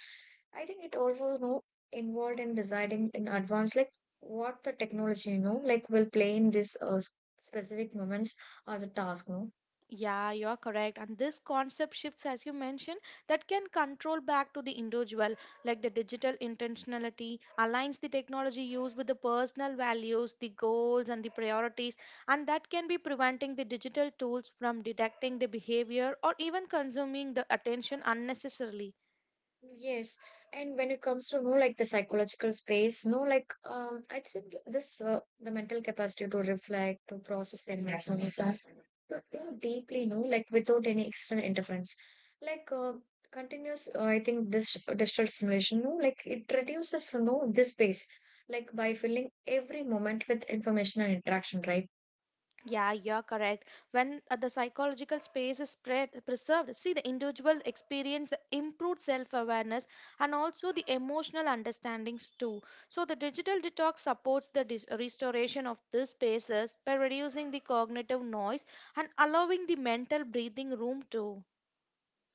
S1: I think it also no involved in deciding in advance like what the technology you know like will play in this specific moments or the task no
S2: Yeah, you're correct. And this concept shifts, as you mentioned, that can control back to the individual, like the digital intentionality aligns the technology use with the personal values, the goals, and the priorities. And that can be preventing the digital tools from detecting the behavior or even consuming the attention unnecessarily.
S1: yes. And when it comes to no, like the psychological space no like I'd say this the mental capacity to reflect to process the emotional stuff to think deeply no like without any external interference like continuous I think this digital simulation no like it reduces no this space like by filling every moment with information and interaction, right?
S2: Yeah, you're correct. When the psychological space is spread, preserved, see the individual experience the improved self-awareness and also the emotional understandings too. So the digital detox supports the restoration of these spaces by reducing the cognitive noise and allowing the mental breathing room too.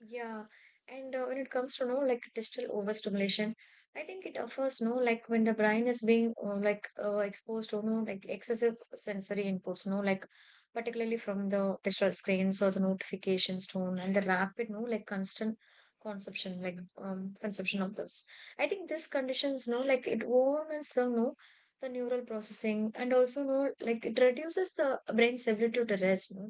S1: Yeah, and when it comes to no like digital overstimulation, I think it offers no like when the brain is being exposed to no like excessive sensory inputs, no like particularly from the digital screens or the notifications tone and the rapid no like constant consumption like consumption of this. I think this conditions no like it overwhelms them no the neural processing and also no like it reduces the brain's ability to rest. No?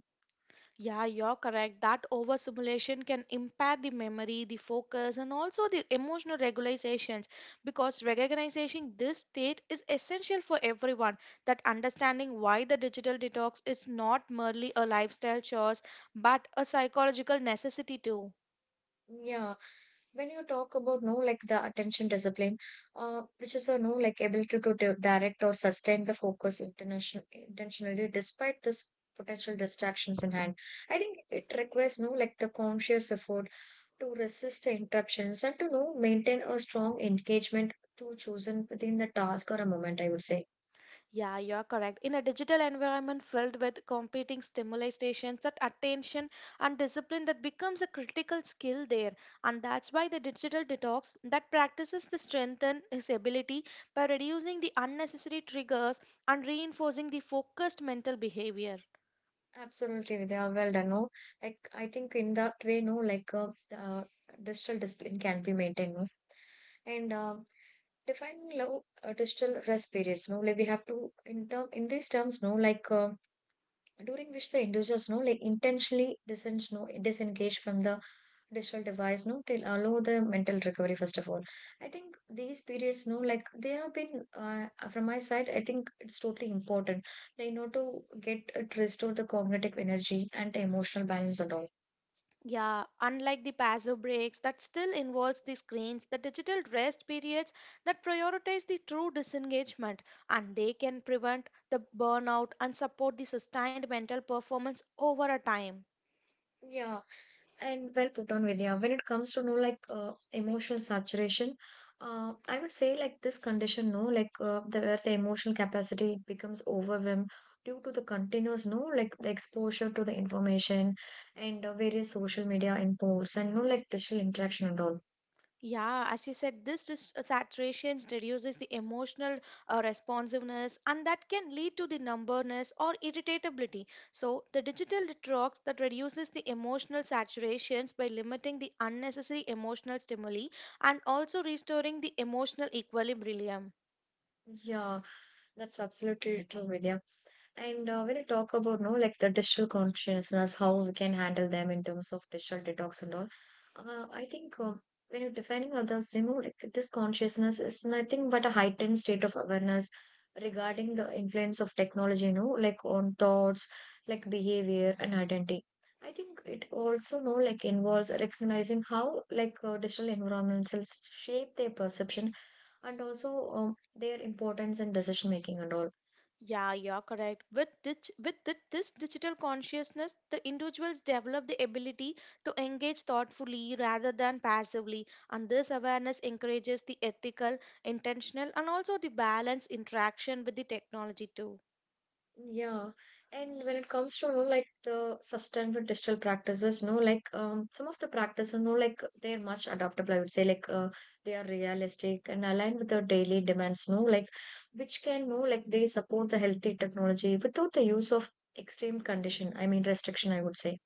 S2: Yeah, you're correct. That overstimulation can impair the memory, the focus, and also the emotional regulations because recognizing this state is essential for everyone. That understanding why the digital detox is not merely a lifestyle choice but a psychological necessity too.
S1: Yeah, when you talk about no like the attention discipline, which is a no like ability to direct or sustain the focus international intentionally despite this potential distractions in hand, I think it requires no like the conscious effort to resist the interruptions and to know maintain a strong engagement to chosen within the task or a moment, I would say.
S2: Yeah, you're correct. In a digital environment filled with competing stimuli stations, that attention and discipline that becomes a critical skill there. And that's why the digital detox that practices the strengthen his ability by reducing the unnecessary triggers and reinforcing the focused mental behavior.
S1: Absolutely, they are well done no like. I think in that way no like uh, digital discipline can be maintained, no? And defining love digital rest periods no like we have to in term in these terms no like during which the individuals no like intentionally disengage no disengage from the digital device no till allow the mental recovery first of all. I think these periods no like they have been from my side I think it's totally important like you know to get it restore the cognitive energy and the emotional balance and all.
S2: Yeah, unlike the passive breaks that still involves the screens, the digital rest periods that prioritize the true disengagement and they can prevent the burnout and support the sustained mental performance over a time.
S1: Yeah. And well put on, Vidya. When it comes to no like emotional saturation, I would say like this condition, no, like the where the emotional capacity becomes overwhelmed due to the continuous, no, like the exposure to the information and various social media inputs and no like digital interaction and all.
S2: Yeah, as you said, saturation reduces the emotional responsiveness and that can lead to the numbness or irritability. So, the digital detox that reduces the emotional saturations by limiting the unnecessary emotional stimuli and also restoring the emotional equilibrium.
S1: Yeah, that's absolutely true, Vidya. And when you talk about no like the digital consciousness, how we can handle them in terms of digital detox and all, I think when you're defining others, you know, like this consciousness is nothing but a heightened state of awareness regarding the influence of technology, you know, like on thoughts, like behavior and identity. I think it also no like involves recognizing how like digital environments shape their perception and also their importance in decision making and all.
S2: Yeah, you're correct. With this, with this digital consciousness, the individuals develop the ability to engage thoughtfully rather than passively, and this awareness encourages the ethical, intentional, and also the balanced interaction with the technology too.
S1: Yeah, and when it comes to you know, like the sustainable digital practices, no, like some of the practices, no, like they're much adaptable. I would say, like they are realistic and aligned with our daily demands, no, like which can, no, like they support the healthy technology without the use of extreme condition. I mean restriction. I would say.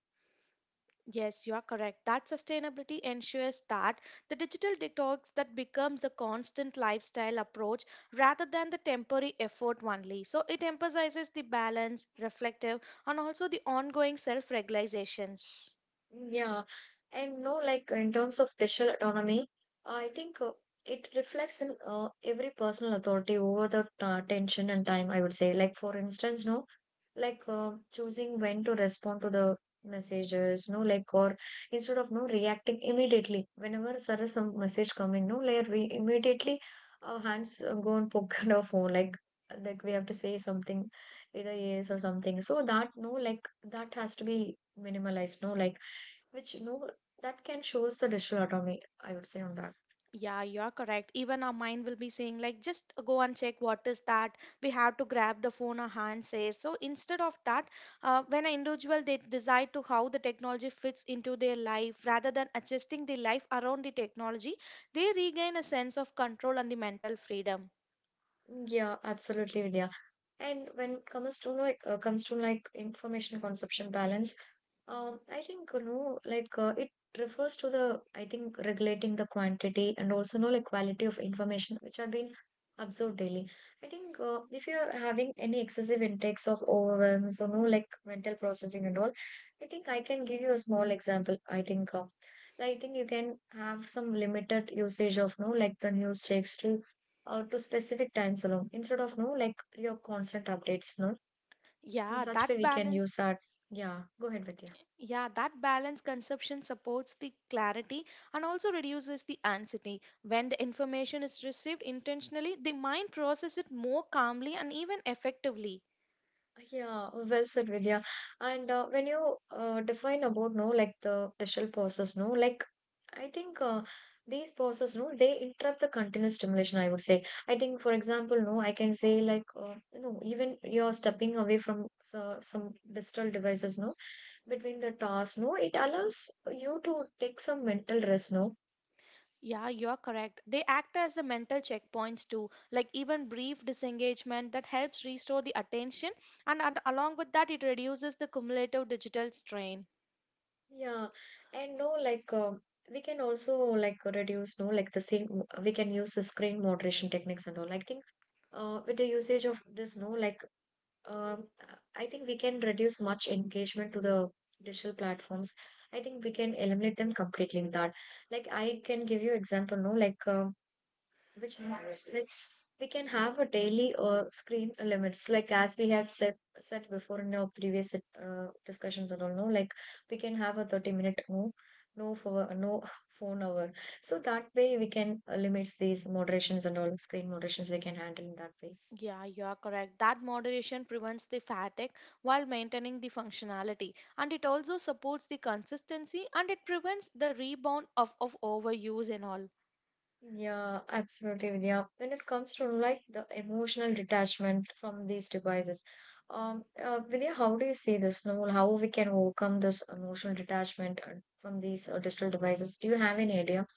S2: Yes, you are correct. That sustainability ensures that the digital detox that becomes the constant lifestyle approach rather than the temporary effort only. So it emphasizes the balance, reflective, and also the ongoing self-regulations.
S1: Yeah, and no, like in terms of digital autonomy, I think it reflects in every personal authority over the tension and time. I would say, like for instance, no like choosing when to respond to the messages no like or instead of no reacting immediately whenever there is some message coming no like we immediately our hands go and poke [LAUGHS] at our phone like we have to say something either yes or something so that no like that has to be minimalized no like which no that can shows the digital autonomy, I would say on that.
S2: Yeah, you are correct. Even our mind will be saying, like, just go and check what is that. We have to grab the phone our hand says. So instead of that, when an individual they decide to how the technology fits into their life, rather than adjusting the life around the technology, they regain a sense of control and the mental freedom.
S1: Yeah, absolutely, Vidya. And when it comes to like information consumption balance. I think you know, like it refers to the I think regulating the quantity and also know like quality of information which are being absorbed daily. I think if you're having any excessive intakes of overwhelms or no like mental processing and all, I think I can give you a small example. I think you can have some limited usage of no like the news checks to specific times alone instead of no like your constant updates. No, in
S2: Yeah,
S1: such way
S2: that
S1: we can
S2: balance.
S1: use that. Yeah, go ahead with yeah.
S2: Yeah, that balanced consumption supports the clarity and also reduces the anxiety. When the information is received intentionally, the mind processes it more calmly and even effectively.
S1: Yeah, well said, Vidya. And when you define about no, like the shell process, no, like I think these process, no, they interrupt the continuous stimulation. I would say. I think, for example, no, I can say like you know, even you're stepping away from some digital devices, no, between the tasks, no, it allows you to take some mental rest, no.
S2: Yeah, you're correct. They act as the mental checkpoints too, like even brief disengagement that helps restore the attention, and along with that, it reduces the cumulative digital strain.
S1: Yeah, and no, like. We can also like reduce no like the same we can use the screen moderation techniques and all I think. With the usage of this no like um, I think we can reduce much engagement to the digital platforms. I think we can eliminate them completely with that. Like I can give you example no like which like we can have a daily screen limits like as we have said before in our previous discussions and all no like we can have a 30-minute no no for no [LAUGHS] phone hour, so that way we can limit these moderations and all screen moderations we can handle in that way.
S2: Yeah, you are correct. That moderation prevents the fatigue while maintaining the functionality, and it also supports the consistency and it prevents the rebound of overuse and all.
S1: Yeah, absolutely, Vidya. When it comes to like the emotional detachment from these devices, Vidya, how do you see this? No, how we can overcome this emotional detachment from these digital devices? Do you have any idea?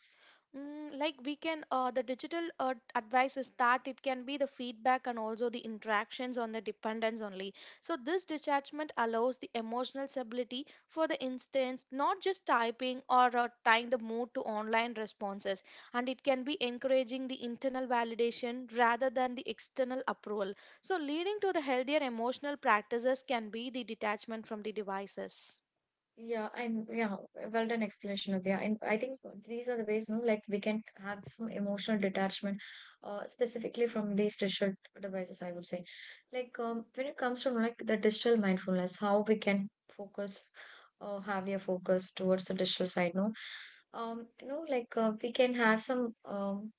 S2: Mm, like we can, the digital advice is that it can be the feedback and also the interactions on the dependence only. So this detachment allows the emotional stability for the instance, not just typing or tying the mood to online responses, and it can be encouraging the internal validation rather than the external approval. So leading to the healthier emotional practices can be the detachment from the devices.
S1: Yeah, and yeah, well done explanation of yeah. And I think these are the ways, no, like we can have some emotional detachment, specifically from these digital devices, I would say. Like when it comes to like the digital mindfulness, how we can focus or have your focus towards the digital side, no? You know, like we can have some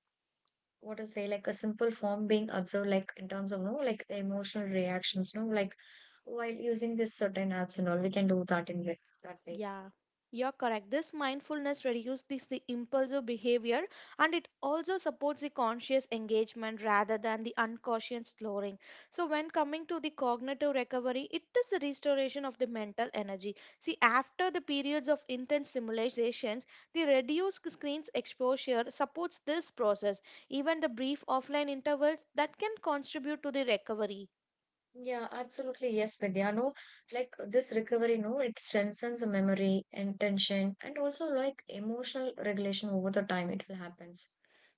S1: what to say, like a simple form being observed, like in terms of no, like the emotional reactions, no, like while using this certain apps and all, we can do that in that way.
S2: Yeah, you're correct. This mindfulness reduces this, the impulsive behavior and it also supports the conscious engagement rather than the unconscious slowing. So, when coming to the cognitive recovery, it is the restoration of the mental energy. See, after the periods of intense simulations, the reduced screen's exposure supports this process. Even the brief offline intervals that can contribute to the recovery.
S1: Yeah, absolutely. Yes, Vidya. No, like this recovery, no, it strengthens the memory, intention, and also like emotional regulation over the time it will happens.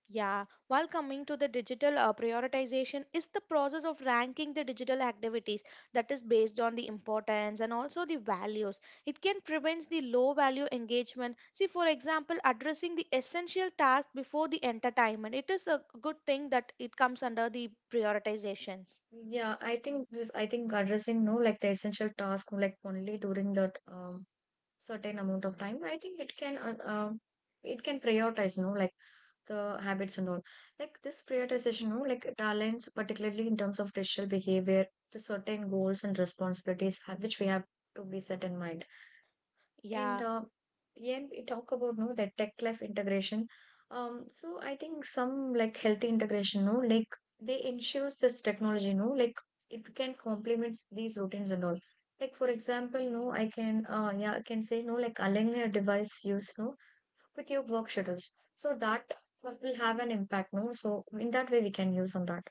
S2: Yeah, while coming to the digital prioritization is the process of ranking the digital activities that is based on the importance and also the values. It can prevent the low value engagement. See, for example, addressing the essential task before the entertainment. It is a good thing that it comes under the prioritizations.
S1: Yeah, I think this, I think addressing, no, like the essential task, no, like only during that certain amount of time, I think it can prioritize, no, like the habits and all. Like this prioritization, no, like talents, particularly in terms of digital behavior, to certain goals and responsibilities have, which we have to be set in mind. And
S2: Yeah.
S1: yeah, we talk about no that tech life integration. So I think some like healthy integration, no, like they ensures this technology, no, like it can complements these routines and all. Like for example, no, I can yeah, I can say no, like align your device use no with your work schedules. So that will have an impact, no. So in that way we can use on that.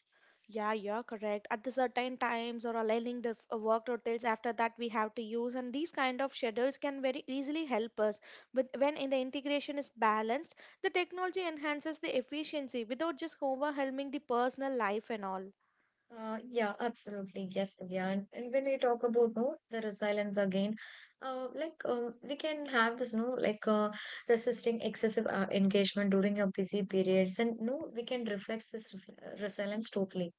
S2: Yeah, you're correct. At the certain times or aligning the work rotates after that we have to use, and these kind of schedules can very easily help us. But when in the integration is balanced, the technology enhances the efficiency without just overwhelming the personal life and all.
S1: Yeah, absolutely. Yes, Vidya. And when we talk about no, the resilience again, like we can have this no, like resisting excessive engagement during your busy periods, and no, we can reflect this resilience totally.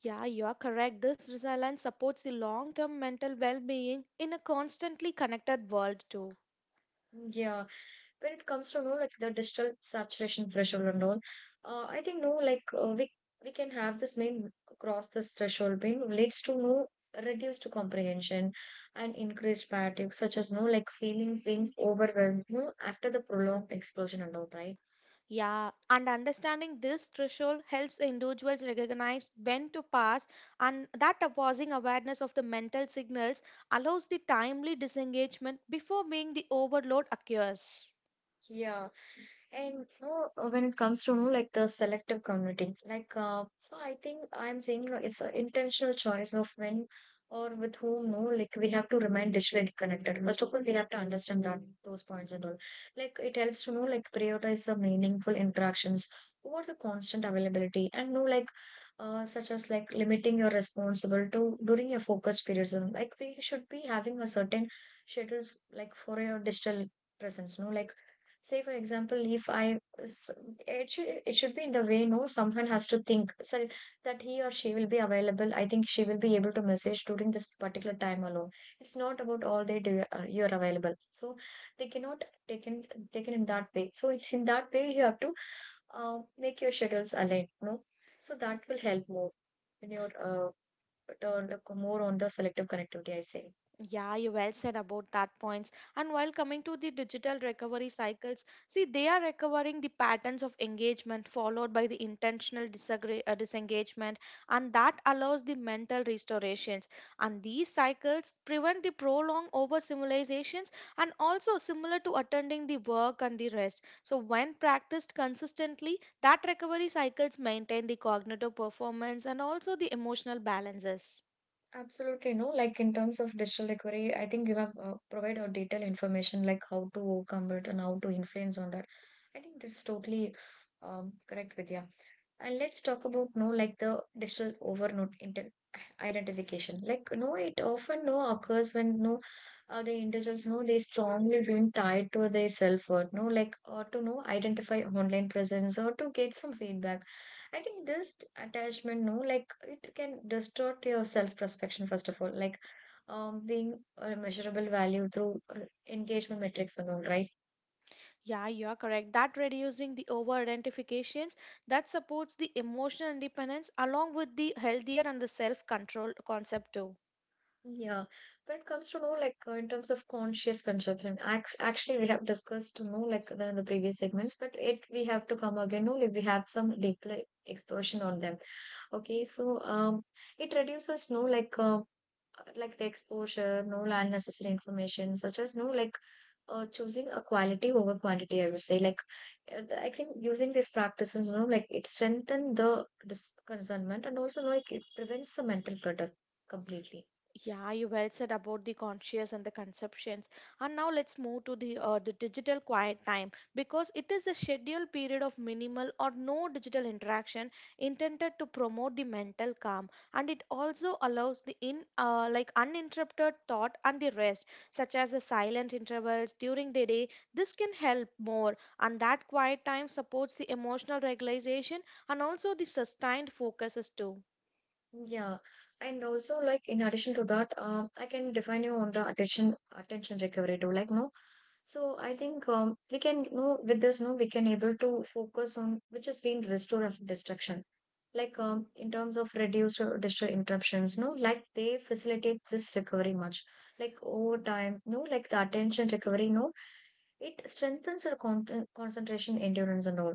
S2: Yeah, you're correct. This resilience supports the long-term mental well-being in a constantly connected world too.
S1: Yeah, when it comes to you know like the digital saturation threshold and all, I think no like we we can have this main across this threshold being leads to no reduced comprehension and increased fatigue such as no like feeling being overwhelmed no, after the prolonged explosion and all, right?
S2: Yeah, and understanding this threshold helps individuals recognize when to pause, and that opposing awareness of the mental signals allows the timely disengagement before being the overload occurs.
S1: Yeah. And you know, when it comes to you know, like the selective commuting, like so I think I'm saying you know, it's an intentional choice of when or with whom, no, like we have to remain digitally connected. First of all, we have to understand that those points and all. Like it helps to you know like prioritize the meaningful interactions over the constant availability and no like such as like limiting your responsible to during your focus periods. And like we should be having a certain schedules like for your digital presence, no like say for example if I s- it should be in the way, no, someone has to think so that he or she will be available. I think she will be able to message during this particular time alone. It's not about all day do, you're available, so they cannot taken in that way. So in that way you have to make your schedules align, no, so that will help more in your turn more on the selective connectivity, I say.
S2: Yeah, you well said about that points. And while coming to the digital recovery cycles, see they are recovering the patterns of engagement followed by the intentional disengagement, and that allows the mental restorations. And these cycles prevent the prolonged overstimulations and also similar to attending the work and the rest. So when practiced consistently, that recovery cycles maintain the cognitive performance and also the emotional balances.
S1: Absolutely no. Like in terms of digital recovery, I think you have provided detailed information like how to convert and how to influence on that. I think that's totally correct, Vidya. And let's talk about no like the digital overload identification. Like, no, it often no occurs when no the individuals know they strongly being tied to their self-worth, no, like or to know identify online presence or to get some feedback. I think this attachment, no, like it can distort your self-perception first of all, like being a measurable value through engagement metrics and all, right?
S2: Yeah, you are correct. That reducing the over identifications that supports the emotional independence along with the healthier and the self control concept too.
S1: Yeah, when it comes to know like in terms of conscious consumption, actually we have discussed, you know, like the, in the previous segments, but it we have to come again. No, like we have some deeper explosion on them. Okay, so it reduces no like like the exposure, no, unnecessary information such as no like choosing a quality over quantity. I would say like I think using these practices, you know, like it strengthens the discernment, and also like it prevents the mental clutter completely.
S2: Yeah, you well said about the conscious and the conceptions. And now let's move to the the digital quiet time because it is a scheduled period of minimal or no digital interaction intended to promote the mental calm and it also allows the in like uninterrupted thought and the rest such as the silent intervals during the day. This can help more and that quiet time supports the emotional regulation and also the sustained focuses too.
S1: Yeah, and also like in addition to that, I can define you on the attention recovery too. Like no, so I think we can, you know, with this no we can able to focus on which has been restored of distraction. Like in terms of reduced or destroy interruptions, no, like they facilitate this recovery much. Like over time, no, like the attention recovery, no, it strengthens our concentration, endurance, and all.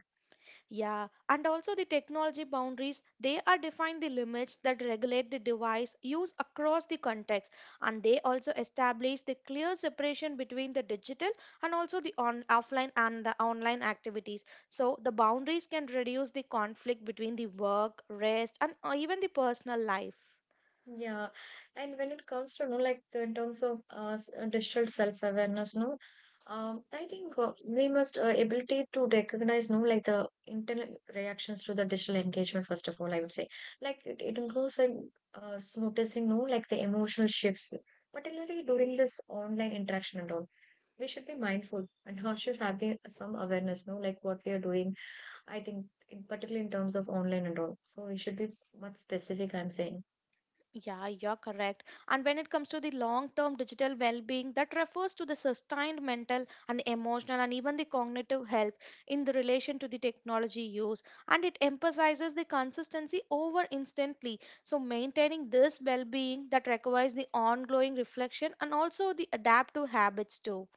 S2: Yeah, and also the technology boundaries, they are defined the limits that regulate the device use across the context, and they also establish the clear separation between the digital and also the offline and the online activities. So the boundaries can reduce the conflict between the work, rest, and even the personal life.
S1: Yeah, and when it comes to no, like the, in terms of digital self-awareness, no, I think we must ability to recognize no, like the internal reactions to the digital engagement. First of all, I would say, like it includes like, noticing no, like the emotional shifts, particularly during this online interaction and all. We should be mindful and how should have some awareness, no, like what we are doing. I think, in particularly in terms of online and all. So we should be much specific, I'm saying.
S2: Yeah, you're correct. And when it comes to the long term digital well being, that refers to the sustained mental and the emotional and even the cognitive health in the relation to the technology use. And it emphasizes the consistency over instantly. So, maintaining this well being that requires the ongoing reflection and also the adaptive habits too.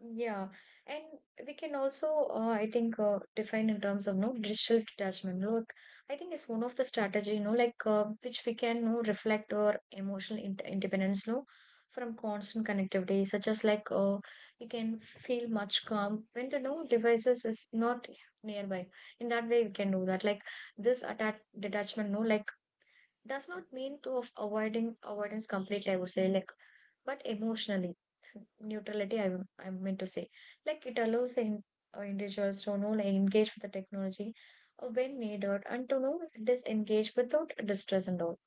S1: Yeah, and we can also, I think, define in terms of no digital detachment. Look, I think it's one of the strategy, you know, like which we can, you know, reflect our emotional in independence, no, from constant connectivity, such as like you can feel much calm when the no devices is not nearby. In that way, we can do that. Like this attach detachment, no, like does not mean to of avoiding avoidance completely, I would say. Like but emotionally neutrality, I meant to say like it allows the in, individuals to know like engage with the technology when needed and to know disengage without distress and all.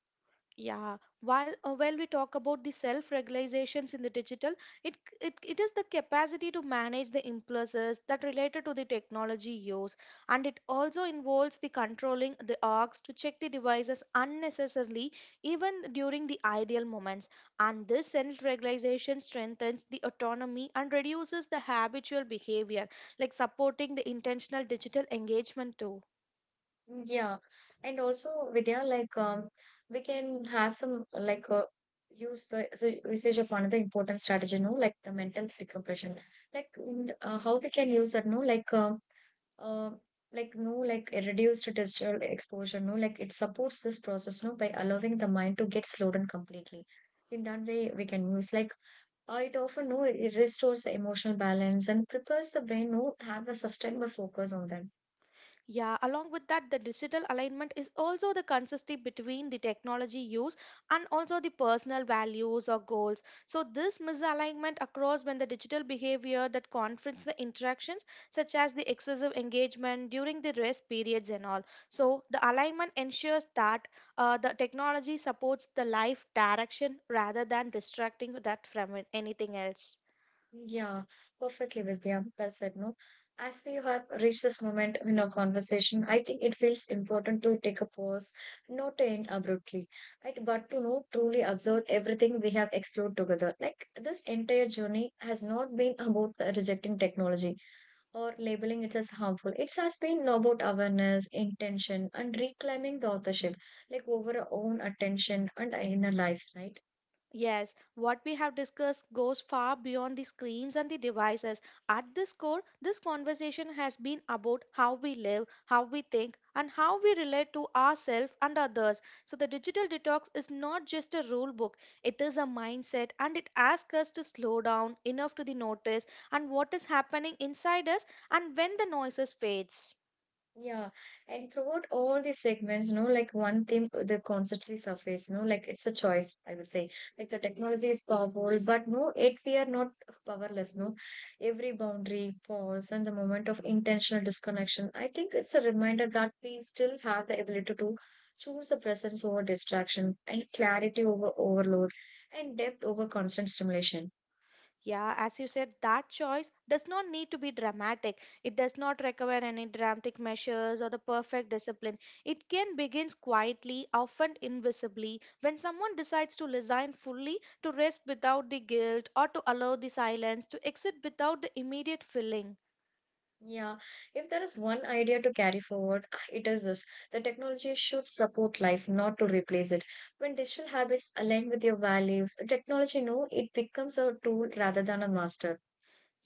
S2: Yeah, while we talk about the self-regulations in the digital, it, c- it is the capacity to manage the impulses that related to the technology use, and it also involves the controlling the orgs to check the devices unnecessarily, even during the ideal moments. And this self-regulation strengthens the autonomy and reduces the habitual behavior, like supporting the intentional digital engagement too.
S1: Yeah, and also, Vidya, like we can have some like use the so usage of another important strategy, no, like the mental decompression, like how we can use that no like uh, like no like a reduced digital exposure, no, like it supports this process no by allowing the mind to get slowed down completely. In that way we can use like it often no it restores the emotional balance and prepares the brain no have a sustainable focus on them.
S2: Yeah, along with that, the digital alignment is also the consistency between the technology use and also the personal values or goals. So, this misalignment occurs when the digital behavior that confronts the interactions, such as the excessive engagement during the rest periods and all. So, the alignment ensures that the technology supports the life direction rather than distracting that from anything else.
S1: Yeah, perfectly, Vidya. Well said, no? As we have reached this moment in our conversation, I think it feels important to take a pause, not to end abruptly, right? But to know, truly observe everything we have explored together. Like this entire journey has not been about rejecting technology or labeling it as harmful. It has been about awareness, intention, and reclaiming the authorship, like over our own attention and our inner lives, right?
S2: Yes, what we have discussed goes far beyond the screens and the devices. At this core, this conversation has been about how we live, how we think, and how we relate to ourselves and others. So, the digital detox is not just a rule book, it is a mindset and it asks us to slow down enough to the notice and what is happening inside us and when the noises fades.
S1: Yeah, and throughout all these segments, you know, like one theme the constantly surface, you know, like it's a choice, I would say. Like the technology is powerful, but no, it we are not powerless, no. Every boundary, pause, and the moment of intentional disconnection, I think it's a reminder that we still have the ability to choose the presence over distraction, and clarity over overload, and depth over constant stimulation.
S2: Yeah, as you said, that choice does not need to be dramatic. It does not require any dramatic measures or the perfect discipline. It can begin quietly, often invisibly, when someone decides to resign fully, to rest without the guilt, or to allow the silence, to exit without the immediate feeling.
S1: Yeah, if there is one idea to carry forward, [SIGHS] it is this. The technology should support life, not to replace it. When digital habits align with your values, technology, no, it becomes a tool rather than a master.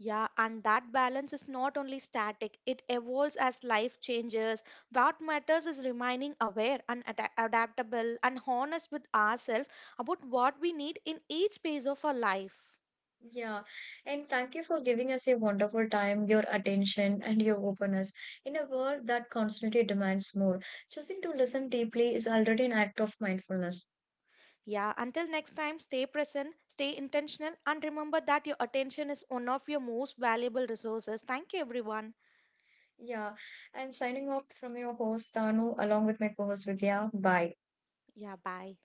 S2: Yeah, and that balance is not only static, it evolves as life changes. What matters is remaining aware and adaptable and honest with ourselves about what we need in each phase of our life.
S1: Yeah, and thank you for giving us a wonderful time, your attention, and your openness. In a world that constantly demands more, choosing to listen deeply is already an act of mindfulness.
S2: Yeah, until next time, stay present, stay intentional, and remember that your attention is one of your most valuable resources. Thank you, everyone.
S1: Yeah, and signing off from your host, Tanu, along with my co host, Vidya. Bye.
S2: Yeah, bye.